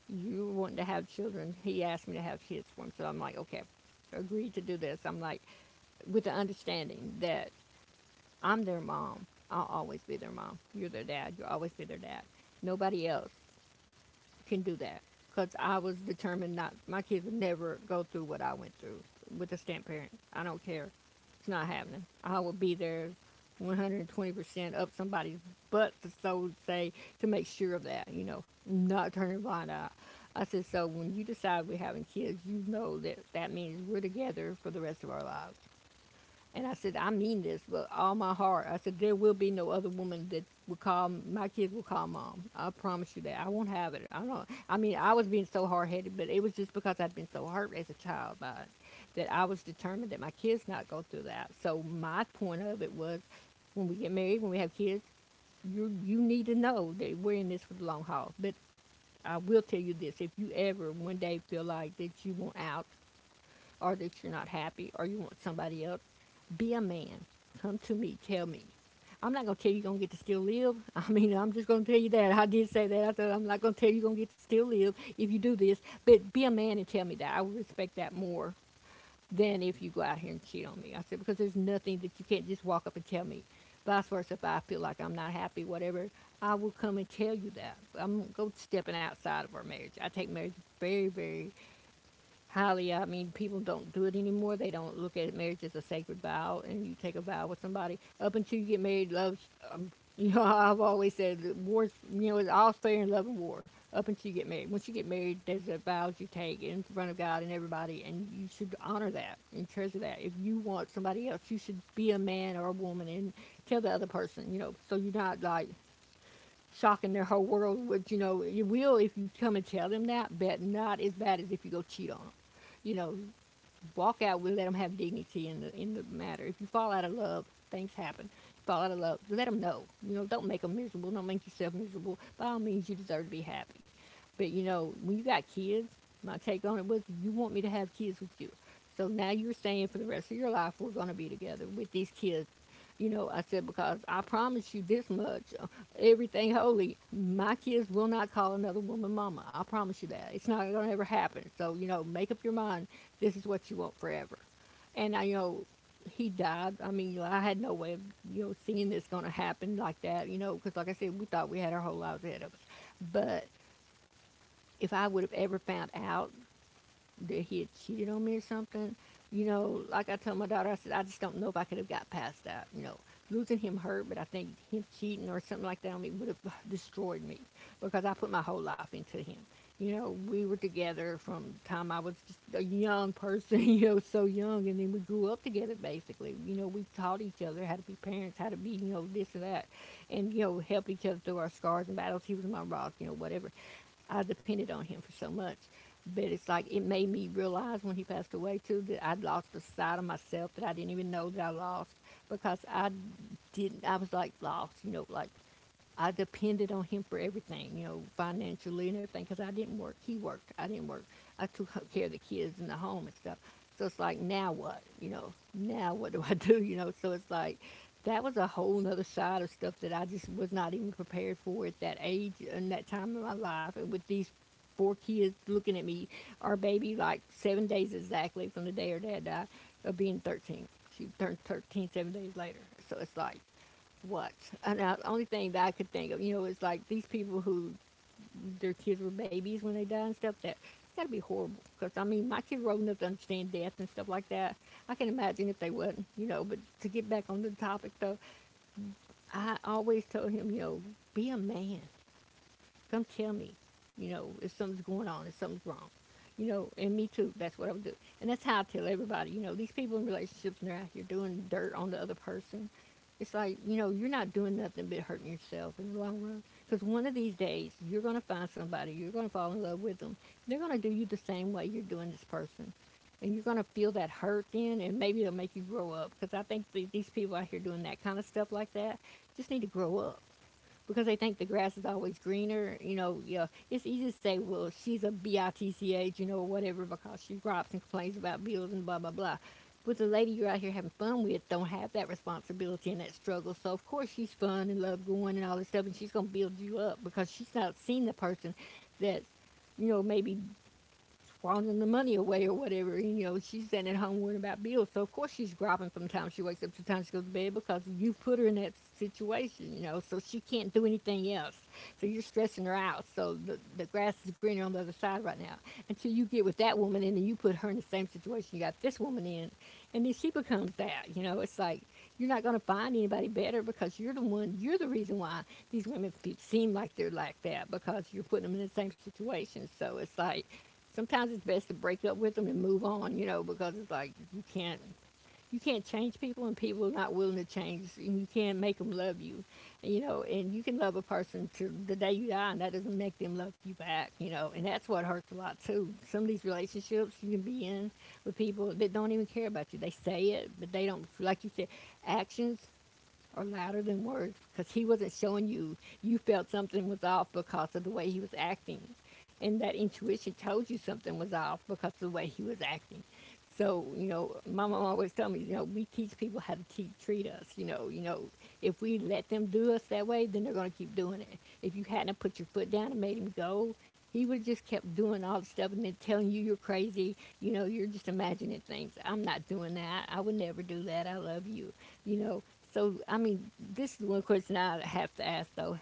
you want to have children. He asked me to have kids for him. So I'm like, okay, I agreed to do this. I'm like, with the understanding that I'm their mom. I'll always be their mom. You're their dad. You'll always be their dad. Nobody else can do that, because I was determined not. My kids would never go through what I went through with a step parent. I don't care. It's not happening. I will be there one hundred twenty percent up somebody's butt to so say to make sure of that, you know, not turning blind eye. I said, so when you decide we're having kids, you know that that means we're together for the rest of our lives. And I said, I mean this with all my heart. I said, there will be no other woman that will call my kids will call mom. I promise you that. I won't have it. I don't. I mean, I was being so hard headed, but it was just because I'd been so hurt as a child by it that I was determined that my kids not go through that. So my point of it was, when we get married, when we have kids, you you need to know that we're in this for the long haul. But I will tell you this: if you ever one day feel like that you want out or that you're not happy or you want somebody else, be a man. Come to me. Tell me. I'm not going to tell you you're going to get to still live. I mean, I'm just going to tell you that. I did say that. I said, I'm not going to tell you you're going to get to still live if you do this. But be a man and tell me that. I would respect that more than if you go out here and cheat on me. I said, because there's nothing that you can't just walk up and tell me. Vice versa, if I feel like I'm not happy, whatever, I will come and tell you that. I'm going to go stepping outside of our marriage. I take marriage very, very highly. I mean, people don't do it anymore. They don't look at marriage as a sacred vow, and you take a vow with somebody up until you get married. Love's, you know, I've always said that wars. You know, it's all fair in love and war up until you get married. Once you get married, there's the vows you take in front of God and everybody, and you should honor that and treasure that. If you want somebody else, you should be a man or a woman and tell the other person. You know, so you're not like shocking their whole world, which, you know, you will if you come and tell them that, but not as bad as if you go cheat on them. You know, walk out. We let them have dignity in the in the matter. If you fall out of love, things happen. You fall out of love, let them know. You know, don't make them miserable. Don't make yourself miserable. By all means, you deserve to be happy. But you know, when you got kids, my take on it was, you want me to have kids with you. So now you're saying for the rest of your life we're going to be together with these kids. You know, I said because I promise you this much, uh, everything holy, my kids will not call another woman mama. I promise you that. It's not going to ever happen. So, you know, make up your mind this is what you want forever. And I, you know, he died. I mean, I had no way of, you know, seeing this going to happen like that, you know, because like I said, we thought we had our whole lives ahead of us. But if I would have ever found out that he had cheated on me or something. You know, like I told my daughter, I said, I just don't know if I could have got past that. You know, losing him hurt, but I think him cheating or something like that on me would have destroyed me because I put my whole life into him. You know, we were together from the time I was just a young person, you know, so young, and then we grew up together basically. You know, we taught each other how to be parents, how to be, you know, this and that, and, you know, help each other through our scars and battles. He was my rock, you know, whatever. I depended on him for so much. But it's like it made me realize when he passed away too that I'd lost a side of myself that I didn't even know that I lost because I didn't. I was like lost, you know, like I depended on him for everything, you know, financially and everything, because I didn't work. He worked. I didn't work. I took care of the kids in the home and stuff. So it's like, now what? You know, now what do I do? You know, so it's like, that was a whole nother side of stuff that I just was not even prepared for at that age and that time in my life. And with these four kids looking at me, our baby, like seven days exactly from the day her dad died, of being thirteen. She turned thirteen seven days later. So it's like, what? And now, the only thing that I could think of, you know, is like these people who their kids were babies when they died and stuff, that it's got to be horrible. Because, I mean, my kids were old enough to understand death and stuff like that. I can imagine if they wasn't, you know, but to get back on the topic, though, I always told him, you know, be a man. Come tell me, you know, if something's going on, if something's wrong. You know, and me too. That's what I would do. And that's how I tell everybody, you know, these people in relationships and they're out here doing dirt on the other person. It's like, you know, you're not doing nothing but hurting yourself in the long run. Because one of these days, you're going to find somebody, you're going to fall in love with them. They're going to do you the same way you're doing this person. And you're going to feel that hurt then, and maybe it'll make you grow up. Because I think th- these people out here doing that kind of stuff like that just need to grow up because they think the grass is always greener. You know, yeah, it's easy to say, well, she's a bitch, you know, or whatever, because she robs and complains about bills and blah blah blah. But the lady you're out here having fun with don't have that responsibility and that struggle. So of course she's fun and love going and all this stuff, and she's gonna build you up because she's not seen the person that, you know, maybe squandering the money away or whatever. You know, she's sitting at home worrying about bills. So of course she's gropping from the time she wakes up to the time she goes to bed because you put her in that situation, you know, so she can't do anything else. So you're stressing her out. So the, the grass is greener on the other side right now. Until you get with that woman and then you put her in the same situation you got this woman in and then she becomes that, you know, it's like you're not going to find anybody better because you're the one, you're the reason why these women seem like they're like that because you're putting them in the same situation. So it's like sometimes it's best to break up with them and move on, you know, because it's like you can't you can't change people, and people are not willing to change, and you can't make them love you. You know, and you can love a person to the day you die, and that doesn't make them love you back. You know, and that's what hurts a lot too. Some of these relationships you can be in with people that don't even care about you, they say it but they don't. Like you said, actions are louder than words, because he wasn't showing you. You felt something was off because of the way he was acting, and that intuition told you something was off because of the way he was acting. So you know, my mom always told me, you know, we teach people how to te- treat us. You know, you know, if we let them do us that way, then they're going to keep doing it. If you hadn't put your foot down and made him go, he would have just kept doing all the stuff and then telling you you're crazy. You know, you're just imagining things, I'm not doing that, I would never do that, I love you. You know. So I mean, this is one question I have to ask though: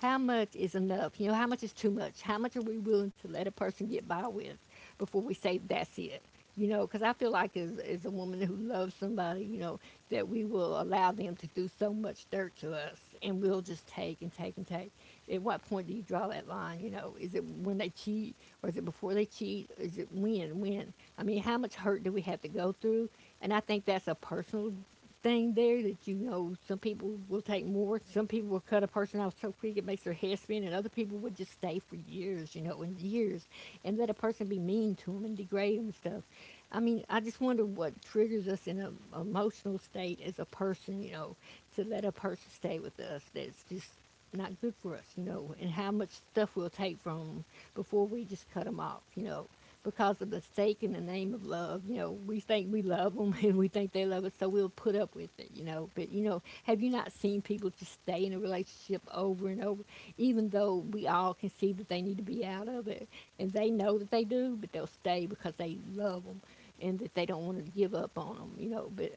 How much is enough? You know, how much is too much? How much are we willing to let a person get by with before we say that's it? You know, because I feel like as, as a woman who loves somebody, you know, that we will allow them to do so much dirt to us, and we'll just take and take and take. At what point do you draw that line? You know, is it when they cheat, or is it before they cheat? Is it when? When? I mean, how much hurt do we have to go through? And I think that's a personal thing there that you know some people will take more, some people will cut a person off so quick it makes their head spin, and other people would just stay for years, you know, and years, and let a person be mean to them and degrade them and stuff. I mean, I just wonder what triggers us in an emotional state as a person, you know, to let a person stay with us that's just not good for us, you know, and how much stuff we'll take from them before we just cut them off, you know, because of the stake in the name of love. You know, we think we love them, and we think they love us, so we'll put up with it, you know. But, you know, have you not seen people just stay in a relationship over and over, even though we all can see that they need to be out of it? And they know that they do, but they'll stay because they love them, and that they don't want to give up on them, you know. But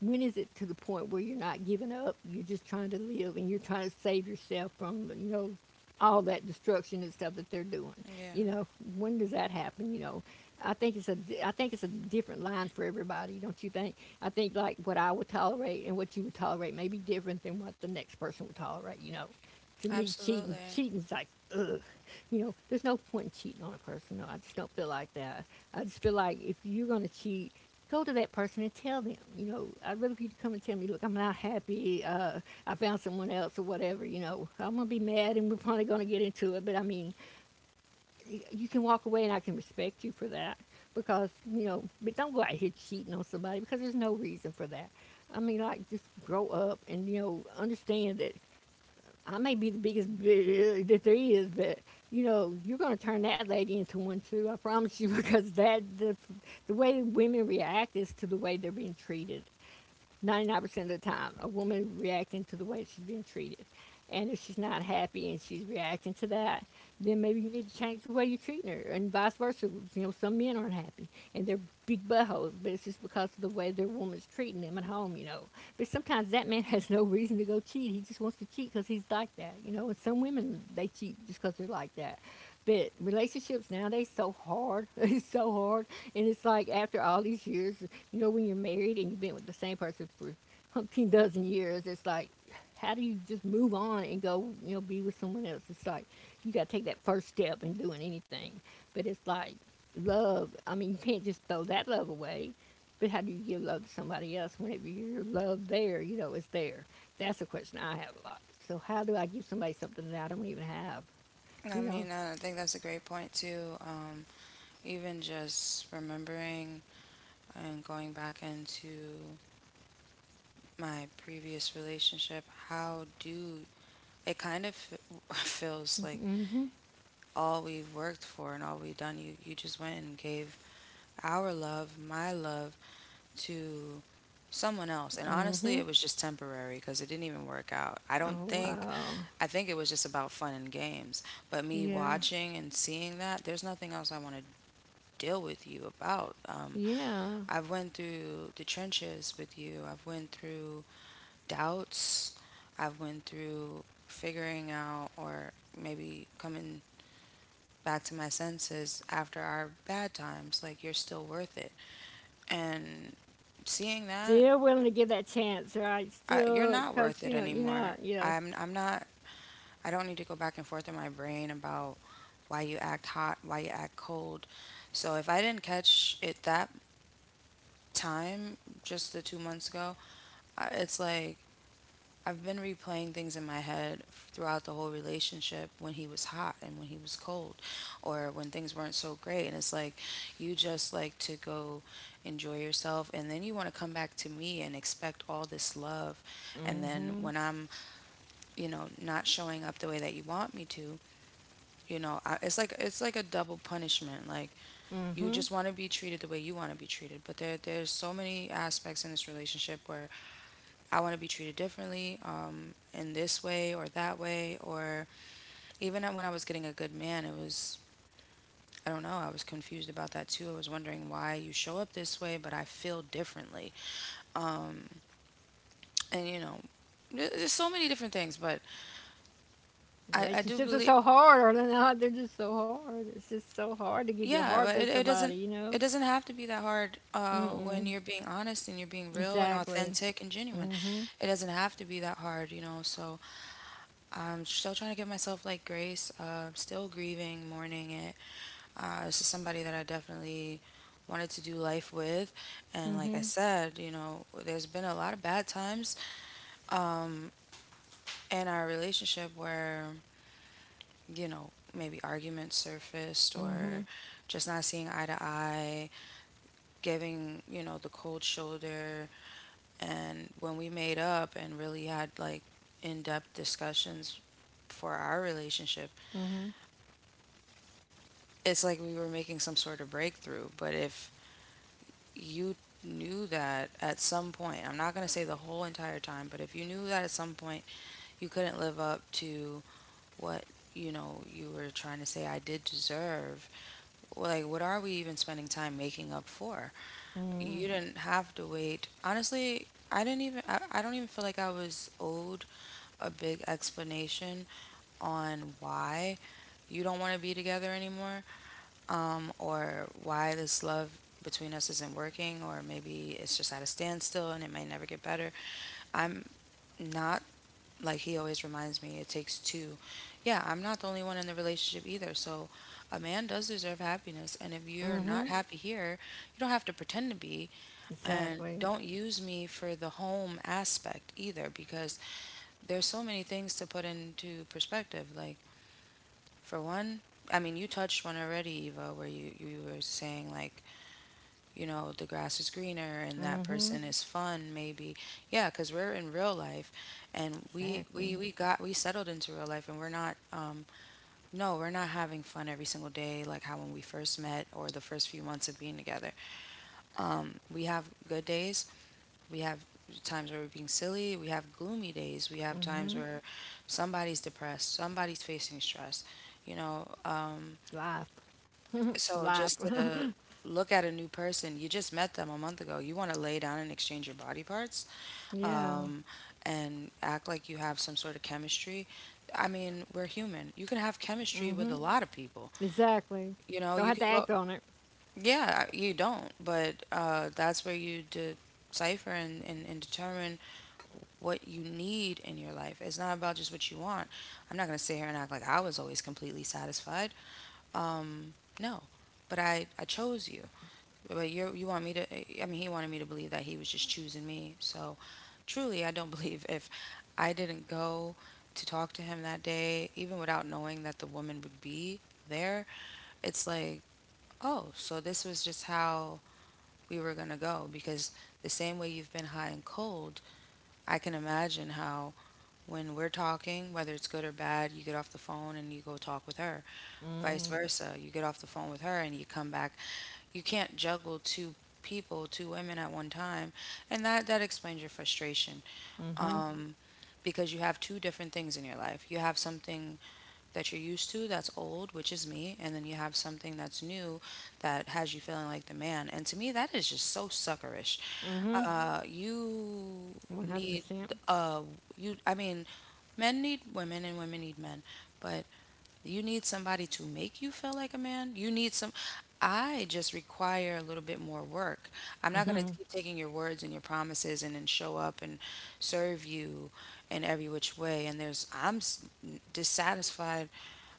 when is it to the point where you're not giving up? You're just trying to live and you're trying to save yourself from, you know, all that destruction and stuff that they're doing.
Yeah,
You know, when does that happen? You know, I think it's a I think it's a different line for everybody, don't you think? I think like what I would tolerate and what you would tolerate may be different than what the next person would tolerate. You know, to me, cheating
absolutely.
cheating's like ugh. You know, there's no point in cheating on a person. No, I just don't feel like that. I just feel like if you're gonna cheat, go to that person and tell them, you know, I'd rather for you to come and tell me, look, I'm not happy, uh, I found someone else or whatever, you know, I'm going to be mad and we're probably going to get into it, but I mean, you can walk away and I can respect you for that because, you know, but don't go out here cheating on somebody because there's no reason for that. I mean, like, just grow up and, you know, understand that I may be the biggest bitch uh, that there is, but you know, you're going to turn that lady into one too. I promise you, because that the the way women react is to the way they're being treated. ninety-nine percent of the time, a woman reacting to the way she's being treated. And if she's not happy and she's reacting to that, then maybe you need to change the way you're treating her, and vice versa. You know, some men aren't happy and they're big buttholes, but it's just because of the way their woman's treating them at home, you know. But sometimes that man has no reason to go cheat. He just wants to cheat because he's like that, you know. And some women, they cheat just because they're like that. But relationships nowadays so hard. It's so hard, and it's like after all these years, you know, when you're married and you've been with the same person for umpteen dozen years, it's like, how do you just move on and go, you know, be with someone else? It's like you got to take that first step in doing anything. But it's like love. I mean, you can't just throw that love away. But how do you give love to somebody else whenever your love there, you know, is there? That's a question I have a lot. So how do I give somebody something that I don't even have?
I
You know.
mean, I think that's a great point too. Um, even just remembering and going back into my previous relationship, how do it kind of feels like
Mm-hmm.
all we've worked for and all we've done, you, you just went and gave our love, my love, to someone else. And honestly,
Mm-hmm.
it was just temporary because it didn't even work out, I don't
Oh,
think.
wow.
I think it was just about fun and games. But me
Yeah.
watching and seeing that, there's nothing else I want to deal with you about. Um,
Yeah.
I've went through the trenches with you. I've went through doubts. I've went through figuring out, or maybe coming back to my senses after our bad times, like, you're still worth it. And seeing that,
Still willing to give that chance, right?
I, you're
Still,
not
cause
worth it
you know, you know,
anymore.
yeah.
I'm I'm not I don't need to go back and forth in my brain about why you act hot, why you act cold. So if I didn't catch it that time just the two months ago, I- it's like I've been replaying things in my head f- throughout the whole relationship, when he was hot and when he was cold, or when things weren't so great. And it's like you just like to go enjoy yourself, and then you want to come back to me and expect all this love. And then
Mm-hmm.
when I'm, you know, not showing up the way that you want me to, you know, I, it's like, it's like a double punishment. Like, you
Mm-hmm.
just want to be treated the way you want to be treated, but there there's so many aspects in this relationship where I want to be treated differently, um, in this way or that way. Or even when I was getting a good man, it was, I don't know. I was confused about that too. I was wondering why you show up this way, but I feel differently. And you know, there- there's so many different things. But I, I do
Relationships are
believe,
so hard, are they not? They're just so hard. It's just so hard to give your
yeah,
heart
but
to
it, it
somebody,
doesn't,
you know.
it doesn't have to be that hard, uh, when
Mm-mm.
you're being honest and you're being real and
Exactly.
authentic and genuine.
Mm-hmm.
It doesn't have to be that hard, you know. So I'm still trying to give myself like grace. Uh, still grieving, mourning it. Uh, this is somebody that I definitely wanted to do life with, and like I
Mm-hmm.
said, you know, there's been a lot of bad times in our relationship where, you know, maybe arguments surfaced,
Mm-hmm.
or just not seeing eye to eye, giving, you know, the cold shoulder. And when we made up and really had like in depth discussions for our relationship,
Mm-hmm.
it's like we were making some sort of breakthrough. But if you knew that at some point, I'm not going to say the whole entire time, but if you knew that at some point you couldn't live up to what, you know, you were trying to say I did deserve, like, what are we even spending time making up for?
Mm-hmm.
You didn't have to wait. Honestly, I didn't even, I, I don't even feel like I was owed a big explanation on why you don't want to be together anymore, um, or why this love between us isn't working, or maybe it's just at a standstill and it may never get better. I'm not, like he always reminds me, it takes two. Yeah, I'm not the only one in the relationship either. So a man does deserve happiness. And if you're not
Mm-hmm.
happy here, you don't have to pretend to be. And
Exactly.
don't use me for the home aspect either, because there's so many things to put into perspective. Like, for one, I mean, you touched one already, Eva, where you, you were saying, like, you know, the grass is greener and that
Mm-hmm.
person is fun, maybe. Yeah, because we're in real life, and we,
Exactly.
we, we got, we settled into real life, and we're not, um, no, we're not having fun every single day, like how when we first met or the first few months of being together. We have good days, we have times where we're being silly, we have gloomy days, we have times
Mm-hmm.
where somebody's depressed, somebody's facing stress, you know. um,
Life.
So
Life.
just to look at a new person, you just met them a month ago. You want to lay down and exchange your body parts,
Yeah.
um, and act like you have some sort of chemistry. I mean, we're human. You can have chemistry with
Mm-hmm.
a lot of people.
Exactly.
You know,
Don't
you
have
can
to
go.
act on it.
Yeah, you don't, but uh, that's where you decipher and, and, and determine what you need in your life. It's not about just what you want. I'm not going to sit here and act like I was always completely satisfied. No, but I, I chose you. But you you want me to? I mean, he wanted me to believe that he was just choosing me. So, truly, I don't believe if I didn't go to talk to him that day, even without knowing that the woman would be there, it's like, oh, so this was just how we were gonna go, because the same way you've been high and cold, I can imagine how when we're talking, whether it's good or bad, you get off the phone and you go talk with her. Vice
Mm-hmm.
versa, you get off the phone with her and you come back. You can't juggle two people, two women at one time, and that that explains your frustration. Um, because you have two different things in your life. You have something that you're used to that's old, which is me, and then you have something that's new that has you feeling like the man. And to me, that is just so suckerish.
Mm-hmm.
Uh, you
One hundred
need
percent.
uh you. I mean, men need women and women need men, but you need somebody to make you feel like a man. You need some. I just require a little bit more work. I'm not going
Mm-hmm.
to keep taking your words and your promises and then show up and serve you in every which way. And there's, I'm s- dissatisfied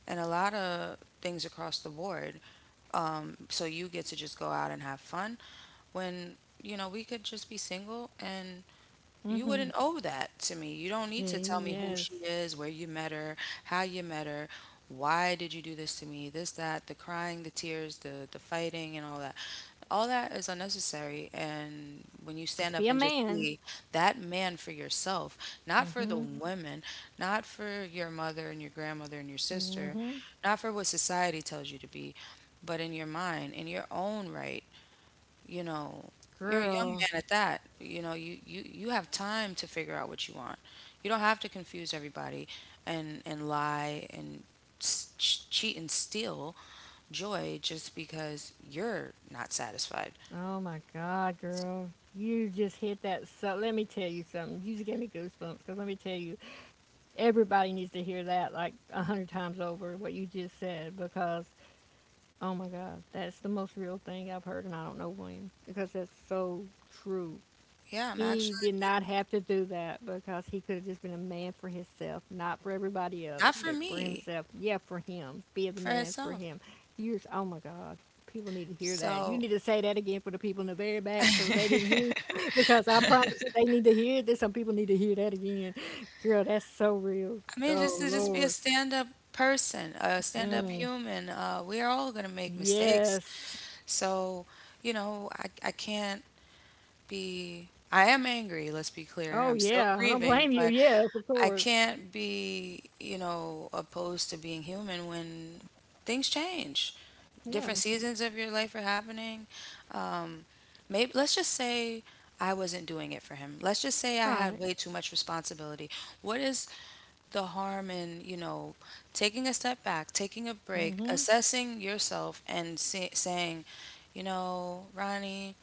in a lot of things across the board. So you get to just go out and have fun when, you know, we could just be single and you
Mm-hmm.
wouldn't owe that to me. You don't need to
See,
tell me who
yes.
she is, where you met her, how you met her, why did you do this to me, this, that, the crying, the tears, the the fighting and all that. All that is unnecessary. And when you
Just
stand
be
up
a
and just
man.
be that man for yourself, not for the
Mm-hmm.
women, not for your mother and your grandmother and your sister,
Mm-hmm.
not for what society tells you to be, but in your mind, in your own right, you know, you're a young
Girl.
man at that, you know, you you you have time to figure out what you want. You don't have to confuse everybody and and lie and s- ch- cheat and steal joy just because you're not satisfied.
Oh my God,
So,
girl. You just hit that. So let me tell you something. You just gave me goosebumps. Cause let me tell you, everybody needs to hear that like a hundred times over what you just said. Because oh my God, that's the most real thing I've heard, and I don't know when. Because that's so true.
yeah, I'm actually
He did not have to do that because he could have just been a man for himself, not for everybody else,
not for
but for
me,
himself. Yeah, for him. Be the
for
man for
herself.
him. You're, oh my God. People need to hear that. You
So
need to say that again for the people in the very back so they didn't hear it, because I promise you they need to hear this. Some people need to hear that again. Girl, that's so real.
I mean,
Oh,
just to just be a
Lord.
stand-up person, a stand-up
Mm,
human. Uh, we are all gonna make mistakes,
yes.
so you know, I I can't be, I am angry, let's be clear.
Oh,
I'm still
yeah. I don't
grieving,
blame you.
but
Yes, of
I
course.
can't be, you know, opposed to being human when things change.
Yeah,
Different seasons of your life are happening. Um, maybe let's just say I wasn't doing it for him. Let's just say I had
right.
way too much responsibility. What is the harm in, you know, taking a step back, taking a break,
Hmm.
assessing yourself, and say, saying, you know, Ronnie,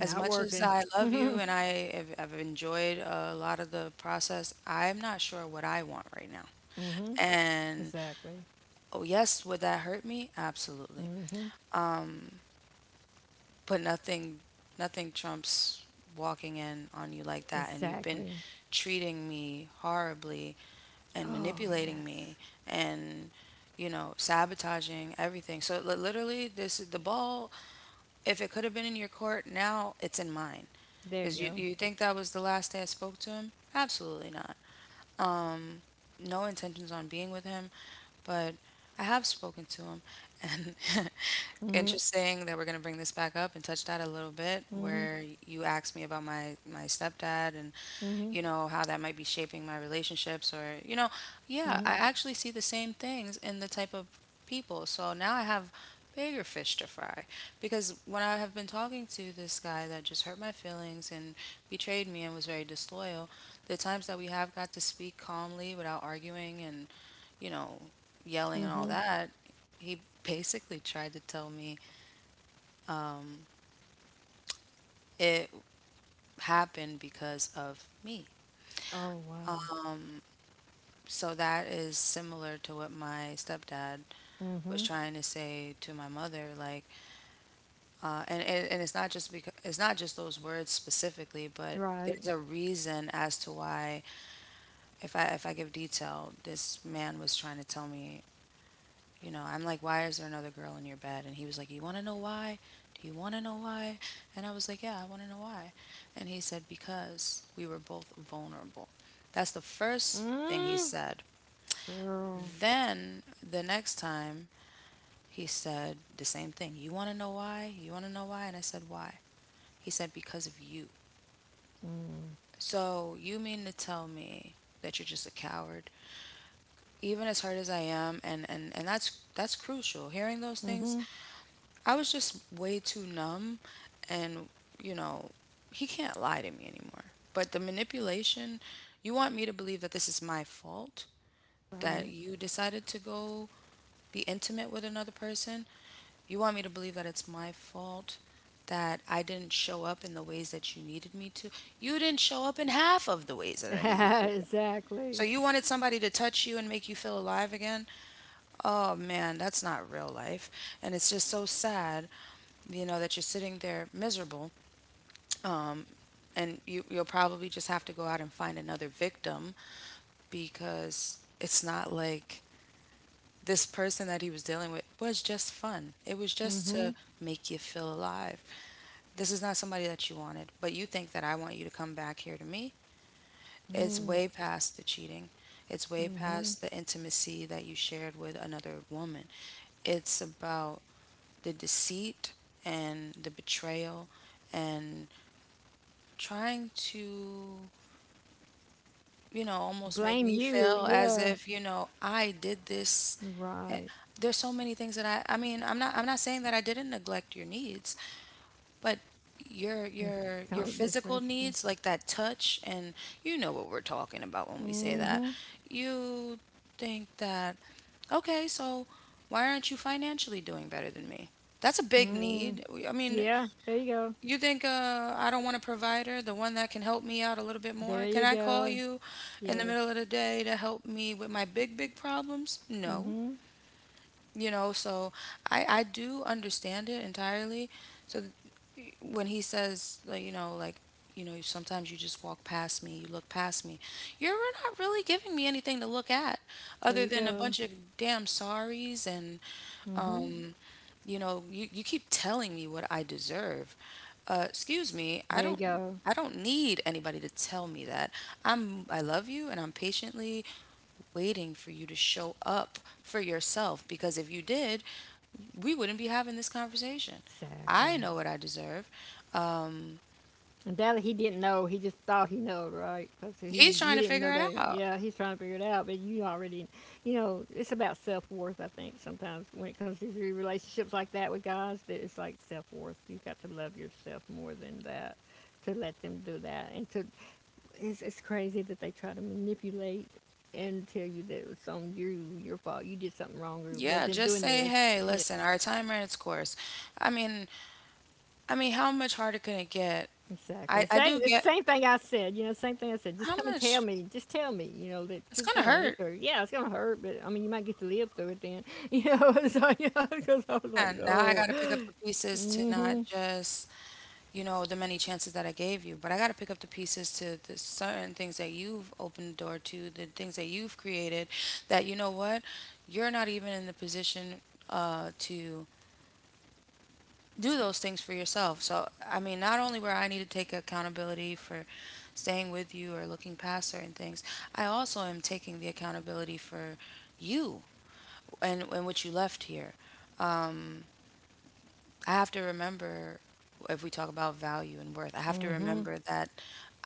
as much as
working.
I love you and I have, have enjoyed a lot of the process, I'm not sure what I want right now.
Mm-hmm.
And
Exactly.
oh yes, would that hurt me? Absolutely.
Mm-hmm.
But nothing nothing trumps walking in on you like that and you've been
Exactly.
treating me horribly and
Oh,
manipulating me
yes.
and you know sabotaging everything, so li- literally, this the ball, if it could have been in your court, now it's in mine.
There
Because
you
you,
go.
you think that was the last day I spoke to him? Absolutely not. No intentions on being with him, but I have spoken to him. And
Mm-hmm.
interesting that we're going to bring this back up and touch that a little bit,
Mm-hmm.
where you asked me about my my stepdad and
Mm-hmm.
you know how that might be shaping my relationships. Or you know yeah,
Mm-hmm.
I actually see the same things in the type of people. So now I have bigger fish to fry, because when I have been talking to this guy that just hurt my feelings and betrayed me and was very disloyal, the times that we have got to speak calmly without arguing and you know yelling and all
Mm-hmm.
that, he basically tried to tell me it happened because of me.
Oh, wow.
So that is similar to what my stepdad was
Mm-hmm.
trying to say to my mother. Like, uh, and, and and it's not just because it's not just those words specifically, but
Right.
there's a reason as to why. If I if I give detail, this man was trying to tell me. You know, I'm like, why is there another girl in your bed? And he was like, you want to know why? Do you want to know why? And I was like, yeah, I want to know why. And he said, because we were both vulnerable. That's the first thing he
Mm-hmm.
said.
Girl.
Then the next time he said the same thing. You want to know why? You want to know why? And I said, why? He said, because of you.
Mm.
So you mean to tell me that you're just a coward? Even as hurt as I am, and, and, and that's that's crucial. Hearing those things,
Mm-hmm.
I was just way too numb and, you know, he can't lie to me anymore. But the manipulation, you want me to believe that this is my fault, that
Right.
you decided to go be intimate with another person? You want me to believe that it's my fault that I didn't show up in the ways that you needed me to? You didn't show up in half of the ways that I needed you to. So
Exactly.
you wanted somebody to touch you and make you feel alive again? Oh man, that's not real life. And it's just so sad, you know, that you're sitting there miserable, and you you'll probably just have to go out and find another victim, because it's not like this person that he was dealing with was just fun. It was just
Mm-hmm.
to make you feel alive. This is not somebody that you wanted, but you think that I want you to come back here to me. It's
Mm.
way past the cheating. It's way
Mm-hmm.
past the intimacy that you shared with another woman. It's about the deceit and the betrayal and trying to, you know, almost make
Blame
me
you.
feel as
Yeah.
if, you know, I did this. Eh,
Right.
There's so many things that I I mean, I'm not I'm not saying that I didn't neglect your needs, but your your your
Don't dismiss
physical
you.
needs, like that touch, and you know what we're talking about when we say that.
Mm-hmm.
You think that, okay, so why aren't you financially doing better than me? That's a big
Mm-hmm.
need. I mean,
Yeah. There you go.
you think, uh, I don't want a provider, the one that can help me out a little bit more?
There
Can
you
I call
go.
you in the
Yes.
middle of the day to help me with my big, big problems? No.
Mm-hmm.
You know, so I, I do understand it entirely. So th- when he says, like, you know, like, you know, sometimes you just walk past me, you look past me. You're not really giving me anything to look at
There
other
you
than a
go.
bunch of damn sorries and
Hmm.
um, you know you, you keep telling me what I deserve. uh, excuse me, i
There you
don't
go.
i don't need anybody to tell me that. i'm I love you, and I'm patiently waiting for you to show up for yourself, because if you did, we wouldn't be having this conversation. I
Exactly.
know what I deserve. um
And that he didn't know. He just thought he knowed, right? 'Cause he,
he's trying
you
to
didn't know
figure it
that.
out.
Yeah, he's trying to figure it out, but you already, you know, it's about self worth. I think sometimes when it comes to your relationships like that with guys, that it's like self worth. You've got to love yourself more than that to let them do that. And to, it's it's crazy that they try to manipulate and tell you that it's on you, your fault. You did something wrong or
Yeah,
wasn't
just
doing
say,
this.
hey, listen, our time ran its course. I mean, I mean, how much harder can it get?
Exactly.
I
The
I do
same, the
get,
same thing I said, you know, same thing I said. Just
how
come and tell
much?
me, just tell me, you know, that
It's
you're
gonna
done, you're
hurt.
through. Yeah, it's going to hurt, but I mean, you might get to live through it then, you know. So, you know, because I was like,
And now I
no.
gotta pick up the pieces to
Mm
not
hmm.
just, you know, the many chances that I gave you, but I gotta pick up the pieces to the certain things that you've opened the door to, the things that you've created that, you know what, you're not even in the position, uh, to do those things for yourself. So, I mean, not only where I need to take accountability for staying with you or looking past certain things, I also am taking the accountability for you and, and what you left here. I have to remember, if we talk about value and worth, I have to
Mm hmm.
remember that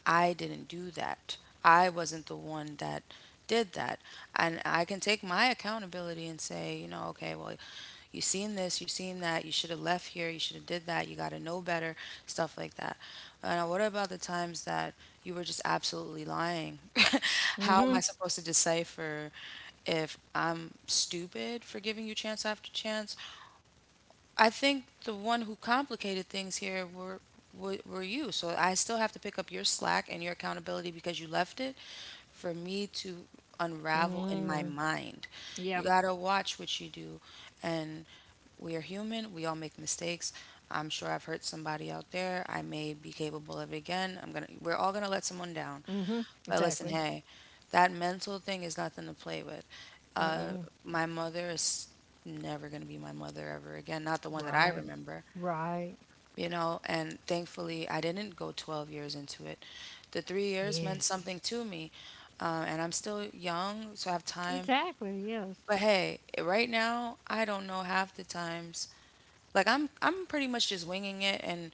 I didn't do that. I wasn't the one that did that. And I can take my accountability and say, you know, okay, well, you seen this, you seen that, you should have left here, you should have did that, you got to know better, stuff like that. And what about the times that you were just absolutely lying? How am
Mm
I supposed to decipher if I'm stupid for giving you chance after chance? I think the one who complicated things here were were, were you. So I still have to pick up your slack and your accountability because you left it for me to
hmm.
unravel in my
Mm.
mind.
Yep.
You got to watch what you do. And we are human. We all make mistakes. I'm sure I've hurt somebody out there. I may be capable of it again. I'm going to We're all going to let someone down.
Mm hmm.
But listen,
Exactly.
hey, that mental thing is nothing to play with.
Mm mm.
My mother is never going to be my mother ever again, not the one that I
Right.
remember,
Right.
you know. And thankfully I didn't go twelve years into it. The three years meant
Yes.
something to me, uh, and I'm still young, so I have time.
Exactly. Yes.
But hey, right now I don't know half the times. Like I'm, I'm pretty much just winging it and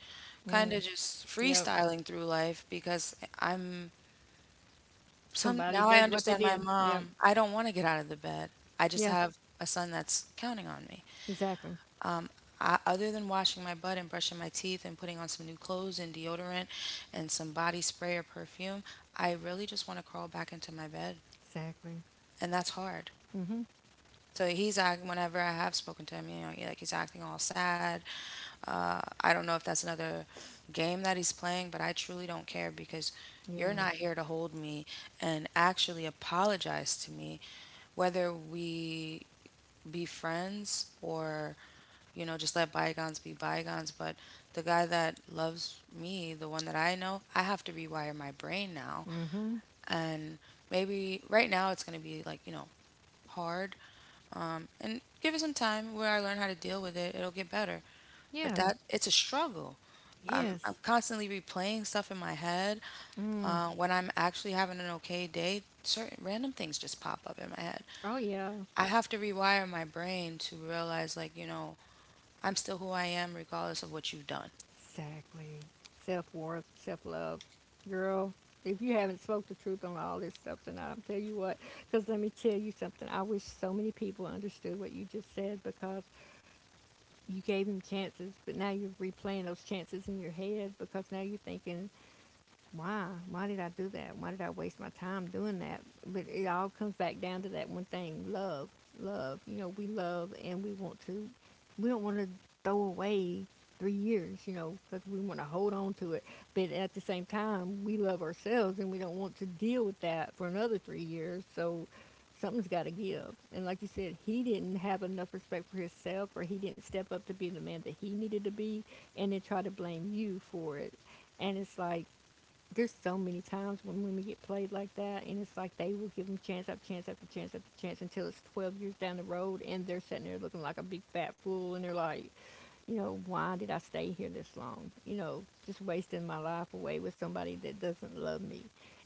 kind
Mm.
of just
Yep.
freestyling through life because I'm some,
Somebody
now I
did what they
understand my
did. Yep.
mom. I don't want to get out of the bed. I just
Yeah.
have a son that's counting on me.
Exactly.
I, other than washing my butt and brushing my teeth and putting on some new clothes and deodorant and some body spray or perfume, I really just want to crawl back into my bed.
Exactly.
And that's hard.
Mm hmm.
So he's acting, whenever I have spoken to him, you know, he, like he's acting all sad. Uh, I don't know if that's another game that he's playing, but I truly don't care because you're
Yeah.
not here to hold me and actually apologize to me, whether we be friends or, you know just let bygones be bygones. But the guy that loves me, the one that I know, I have to rewire my brain now.
Mm hmm.
And maybe right now it's going to be, like, you know hard, and give it some time where I learn how to deal with it, it'll get better. But
Yeah.
that, it's a struggle. i'm, I'm
Yes.
constantly replaying stuff in my head.
Mm.
Uh, when I'm actually having an okay day, certain random things just pop up in my head.
Oh, yeah.
I have to rewire my brain to realize, like, you know I'm still who I am, regardless of what you've done.
Exactly. Self worth, self love. Girl, if you haven't spoke the truth on all this stuff tonight, I'll tell you what. Because let me tell you something. I wish so many people understood what you just said because you gave them chances, but now you're replaying those chances in your head because now you're thinking why? Why did I do that? Why did I waste my time doing that? But it all comes back down to that one thing love. Love. You know, we love and we want to, we don't want to throw away three years, you know, because we want to hold on to it. But at the same time, we love ourselves and we don't want to deal with that for another three years. So something's got to give. And like you said, he didn't have enough respect for himself or he didn't step up to be the man that he needed to be and then try to blame you for it. And it's like, there's so many times when women get played like that, and it's like they will give them chance after chance after chance after chance until it's twelve years down the road, and they're sitting there looking like a big fat fool, and they're like, you know, why did I stay here this long? You know, just wasting my life away with somebody that doesn't love me.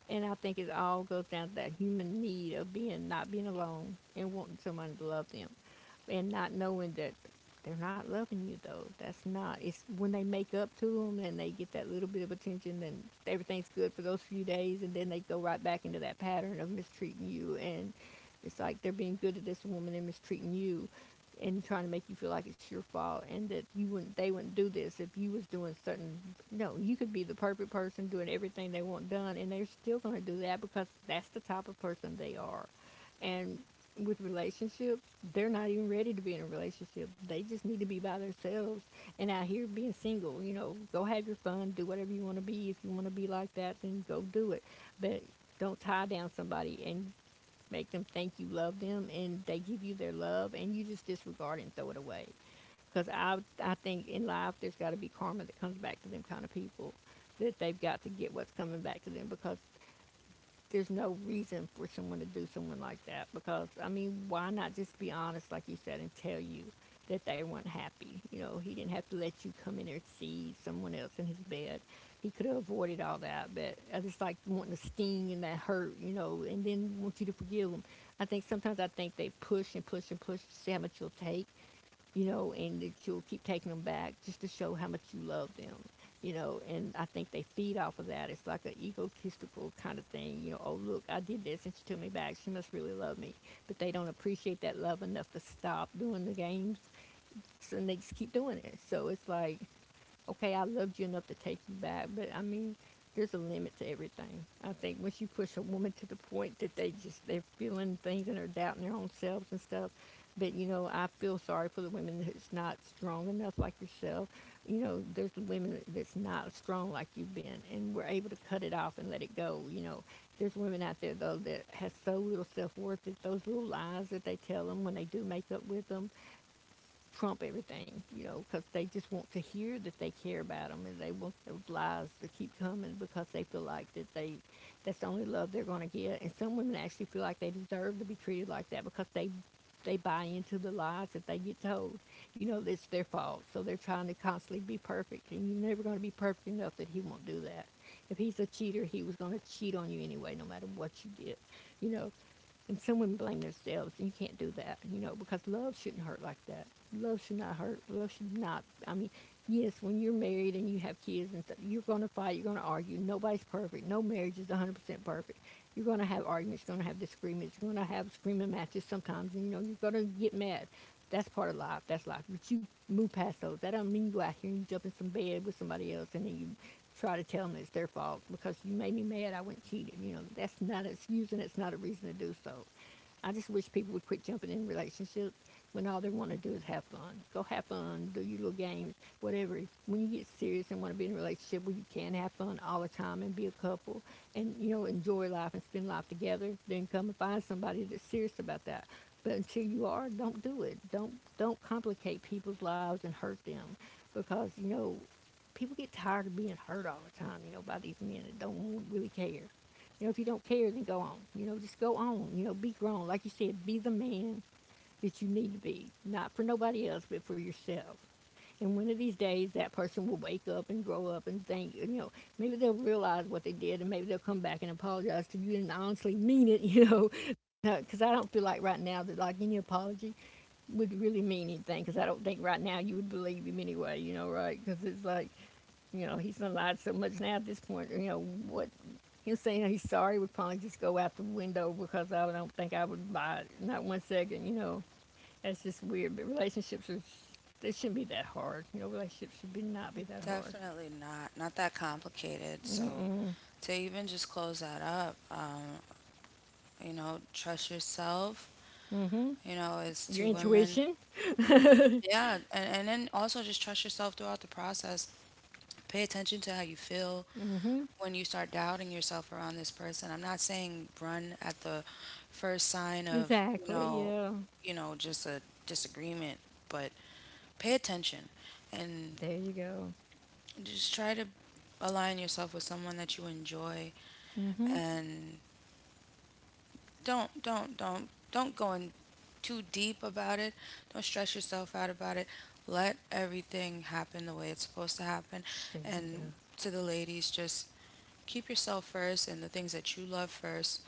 And I think it all goes down to that human need of being not being alone and wanting someone to love them, and not knowing that they're not loving you though. That's not. It's when they make up to them and they get that little bit of attention and everything's good for those few days and then they go right back into that pattern of mistreating you, and it's like they're being good to this woman and mistreating you and trying to make you feel like it's your fault and that you wouldn't they wouldn't do this if you was doing certain. No, you could be the perfect person doing everything they want done and they're still going to do that because that's the type of person they are. And with relationships, they're not even ready to be in a relationship. They just need to be by themselves and out here being single. You know, go have your fun, do whatever you want to be. If you want to be like that, then go do it. But don't tie down somebody and make them think you love them and they give you their love and you just disregard it and throw it away. Because I, I think in life there's got to be karma that comes back to them kind of people that they've got to get what's coming back to them because there's no reason for someone to do someone like that because I mean, why not just be honest, like you said, and tell you that they weren't happy? You know, he didn't have to let you come in there and see someone else in his bed. He could have avoided all that, but I just like wanting to sting and that hurt, you know, and then want you to forgive him. I think sometimes I think they push and push and push to see how much you'll take, you know, and that you'll keep taking them back just to show how much you love them, you know. And I think they feed off of that. It's like an egotistical kind of thing, you know. Oh, look, I did this, and she took me back. She must really love me. But they don't appreciate that love enough to stop doing the games, so they just keep doing it. So it's like okay, I loved you enough to take you back, but I mean, there's a limit to everything. I think once you push a woman to the point that they just they're feeling things and are doubting their own selves and stuff. But you know, I feel sorry for the women that's not strong enough like yourself. You know, there's women that's not strong like you've been, and we're able to cut it off and let it go. You know, there's women out there though that has so little self worth that those little lies that they tell them when they do make up with them, trump everything, you know, because they just want to hear that they care about them and they want those lies to keep coming because they feel like that they that's the only love they're going to get. And some women actually feel like they deserve to be treated like that because they they buy into the lies that they get told. You know, it's their fault. So they're trying to constantly be perfect, and you're never going to be perfect enough that he won't do that. If he's a cheater, he was going to cheat on you anyway, no matter what you did. You know, and some women blame themselves, and you can't do that, you know, because love shouldn't hurt like that. Love should not hurt. Love should not. I mean, yes, when you're married and you have kids and stuff, you're going to fight, you're going to argue. Nobody's perfect. No marriage is one hundred percent perfect. You're going to have arguments, you're going to have disagreements, you're going to have screaming matches sometimes, and, you know, you're going to get mad. That's part of life. That's life. But you move past those. That don't mean you out here and you jump in some bed with somebody else and then you try to tell them it's their fault because you made me mad. I went cheating. You know, that's not an excuse and it's not a reason to do so. I just wish people would quit jumping in relationships when all they want to do is have fun. Go have fun, do your little games, whatever. When you get serious and want to be in a relationship where you can have fun all the time and be a couple and, you know, enjoy life and spend life together, then come and find somebody that's serious about that. But until you are, don't do it. Don't don't complicate people's lives and hurt them because you know people get tired of being hurt all the time, you know, by these men that don't really care. You know, if you don't care, then go on. You know, just go on. You know, be grown. Like you said, be the man that you need to be, not for nobody else, but for yourself. And one of these days, that person will wake up and grow up and think, you know, maybe they'll realize what they did and maybe they'll come back and apologize to you and honestly mean it, you know. Because I don't feel like right now that, like, any apology would really mean anything because I don't think right now you would believe him anyway, you know, right? Because it's like, you know, he's done lied so much now at this point, you know, what him saying he's sorry would probably just go out the window because I don't think I would buy it, not one second, you know. That's just weird. But relationships are, they shouldn't be that hard. You know, relationships should be not be that hard.
Definitely not. Not that complicated. So to even just close that up, um, you know, trust yourself. You know, it's
Your
two women.
intuition?
Yeah, and, and then also just trust yourself throughout the process. Pay attention to how you feel when you start doubting yourself around this person. I'm not saying run at the first sign of, you
Exactly,
know,
yeah.
you know, just a disagreement, but pay attention. And
There you go.
just try to align yourself with someone that you enjoy.
Mm hmm.
And don't don't don't don't go in too deep about it. Don't stress yourself out about it. Let everything happen the way it's supposed to happen.
There you go.
And to the ladies, just keep yourself first and the things that you love first.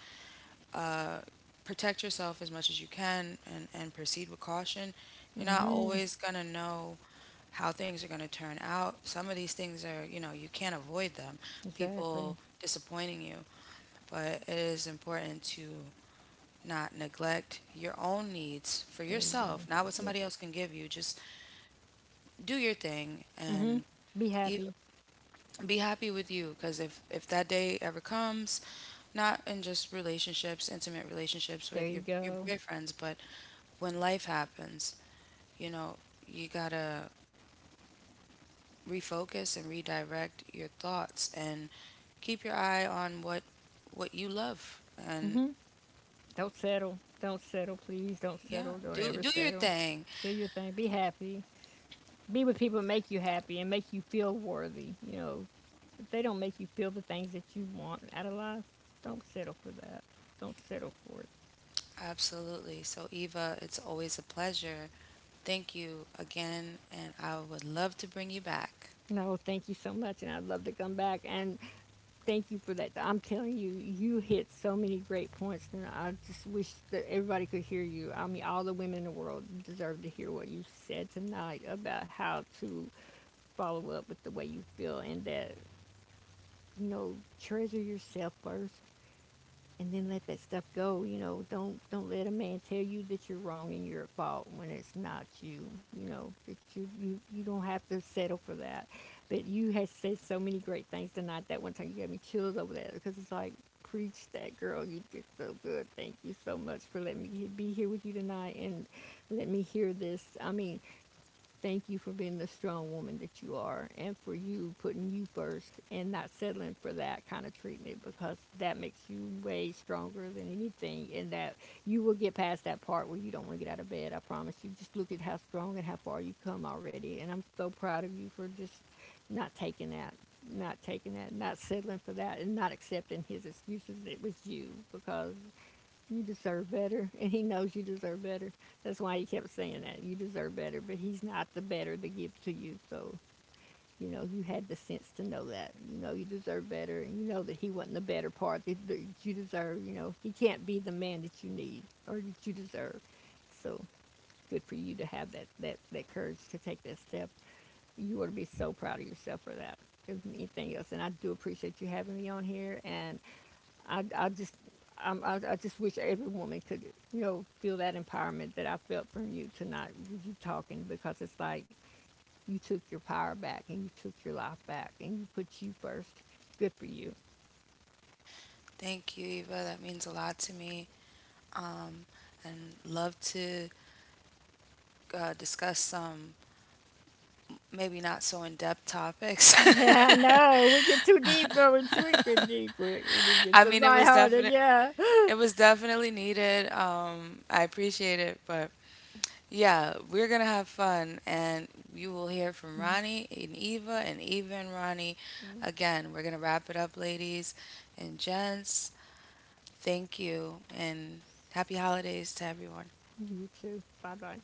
uh, Protect yourself as much as you can, and, and proceed with caution. You're
Mm
not
hmm.
always going to know how things are going to turn out. Some of these things are, you know, you can't avoid them,
Exactly.
people disappointing you, but it is important to not neglect your own needs for
There you go.
yourself, not what
Yes.
somebody else can give you. Just do your thing.
Mm-hmm.
And
Be
even
happy.
be happy with you, because if if that day ever comes, not in just relationships, intimate relationships
There
with
you
your your
go.
boyfriends, but when life happens, you know, you gotta refocus and redirect your thoughts and keep your eye on what what you love. And
Mm-hmm. Don't settle. Don't settle, please. Don't
yeah,
settle. Don't
do
ever
do your
settle.
thing.
Do your thing. Be happy. Be with people that make you happy and make you feel worthy. You know, if they don't make you feel the things that you want out of life, don't settle for that. Don't settle for it.
Absolutely. So Eva, it's always a pleasure. Thank you again, and I would love to bring you back.
No, thank you so much, and I'd love to come back. And thank you for that. I'm telling you, you hit so many great points, and I just wish that everybody could hear you. I mean, all the women in the world deserve to hear what you said tonight about how to follow up with the way you feel and that, you know, treasure yourself first and then let that stuff go. You know, don't don't let a man tell you that you're wrong and you're at fault when it's not you. You know that you you you don't have to settle for that. But you had said so many great things tonight. That one time you gave me chills over that because it's like preach that girl. You did so good. Thank you so much for letting me be here with you tonight and let me hear this. I mean, thank you for being the strong woman that you are and for you putting you first and not settling for that kind of treatment because that makes you way stronger than anything and that you will get past that part where you don't want to get out of bed. I promise you. Just look at how strong and how far you've come already. And I'm so proud of you for just not taking that, not taking that, not settling for that, and not accepting his excuses. It was you because you deserve better. And he knows you deserve better. That's why he kept saying that. You deserve better, but he's not the better to give to you. So, you know, you had the sense to know that. You know, you deserve better. And you know that he wasn't the better part that you deserve. You know, he can't be the man that you need or that you deserve. So, good for you to have that, that, that courage to take that step. You ought to be so proud of yourself for that. If anything else, and I do appreciate you having me on here. And I, I just I'm, I, I just wish every woman could you know feel that empowerment that I felt from you tonight with you talking because it's like you took your power back and you took your life back and you put you first. Good for you.
Thank you, Eva, that means a lot to me. um, and love to uh, discuss some maybe not so in depth topics.
Yeah, I know. We get too deep though. We're too deep. We, we need to get
I
some
mean, it was
lighthearted.
definite.
Yeah.
It was definitely needed. Um, I appreciate it, but yeah, we're gonna have fun. And you will hear from Ronnie and Eva, and Eva and Ronnie. Again, we're gonna wrap it up, ladies and gents. Thank you, and happy holidays to everyone.
You too. Bye bye.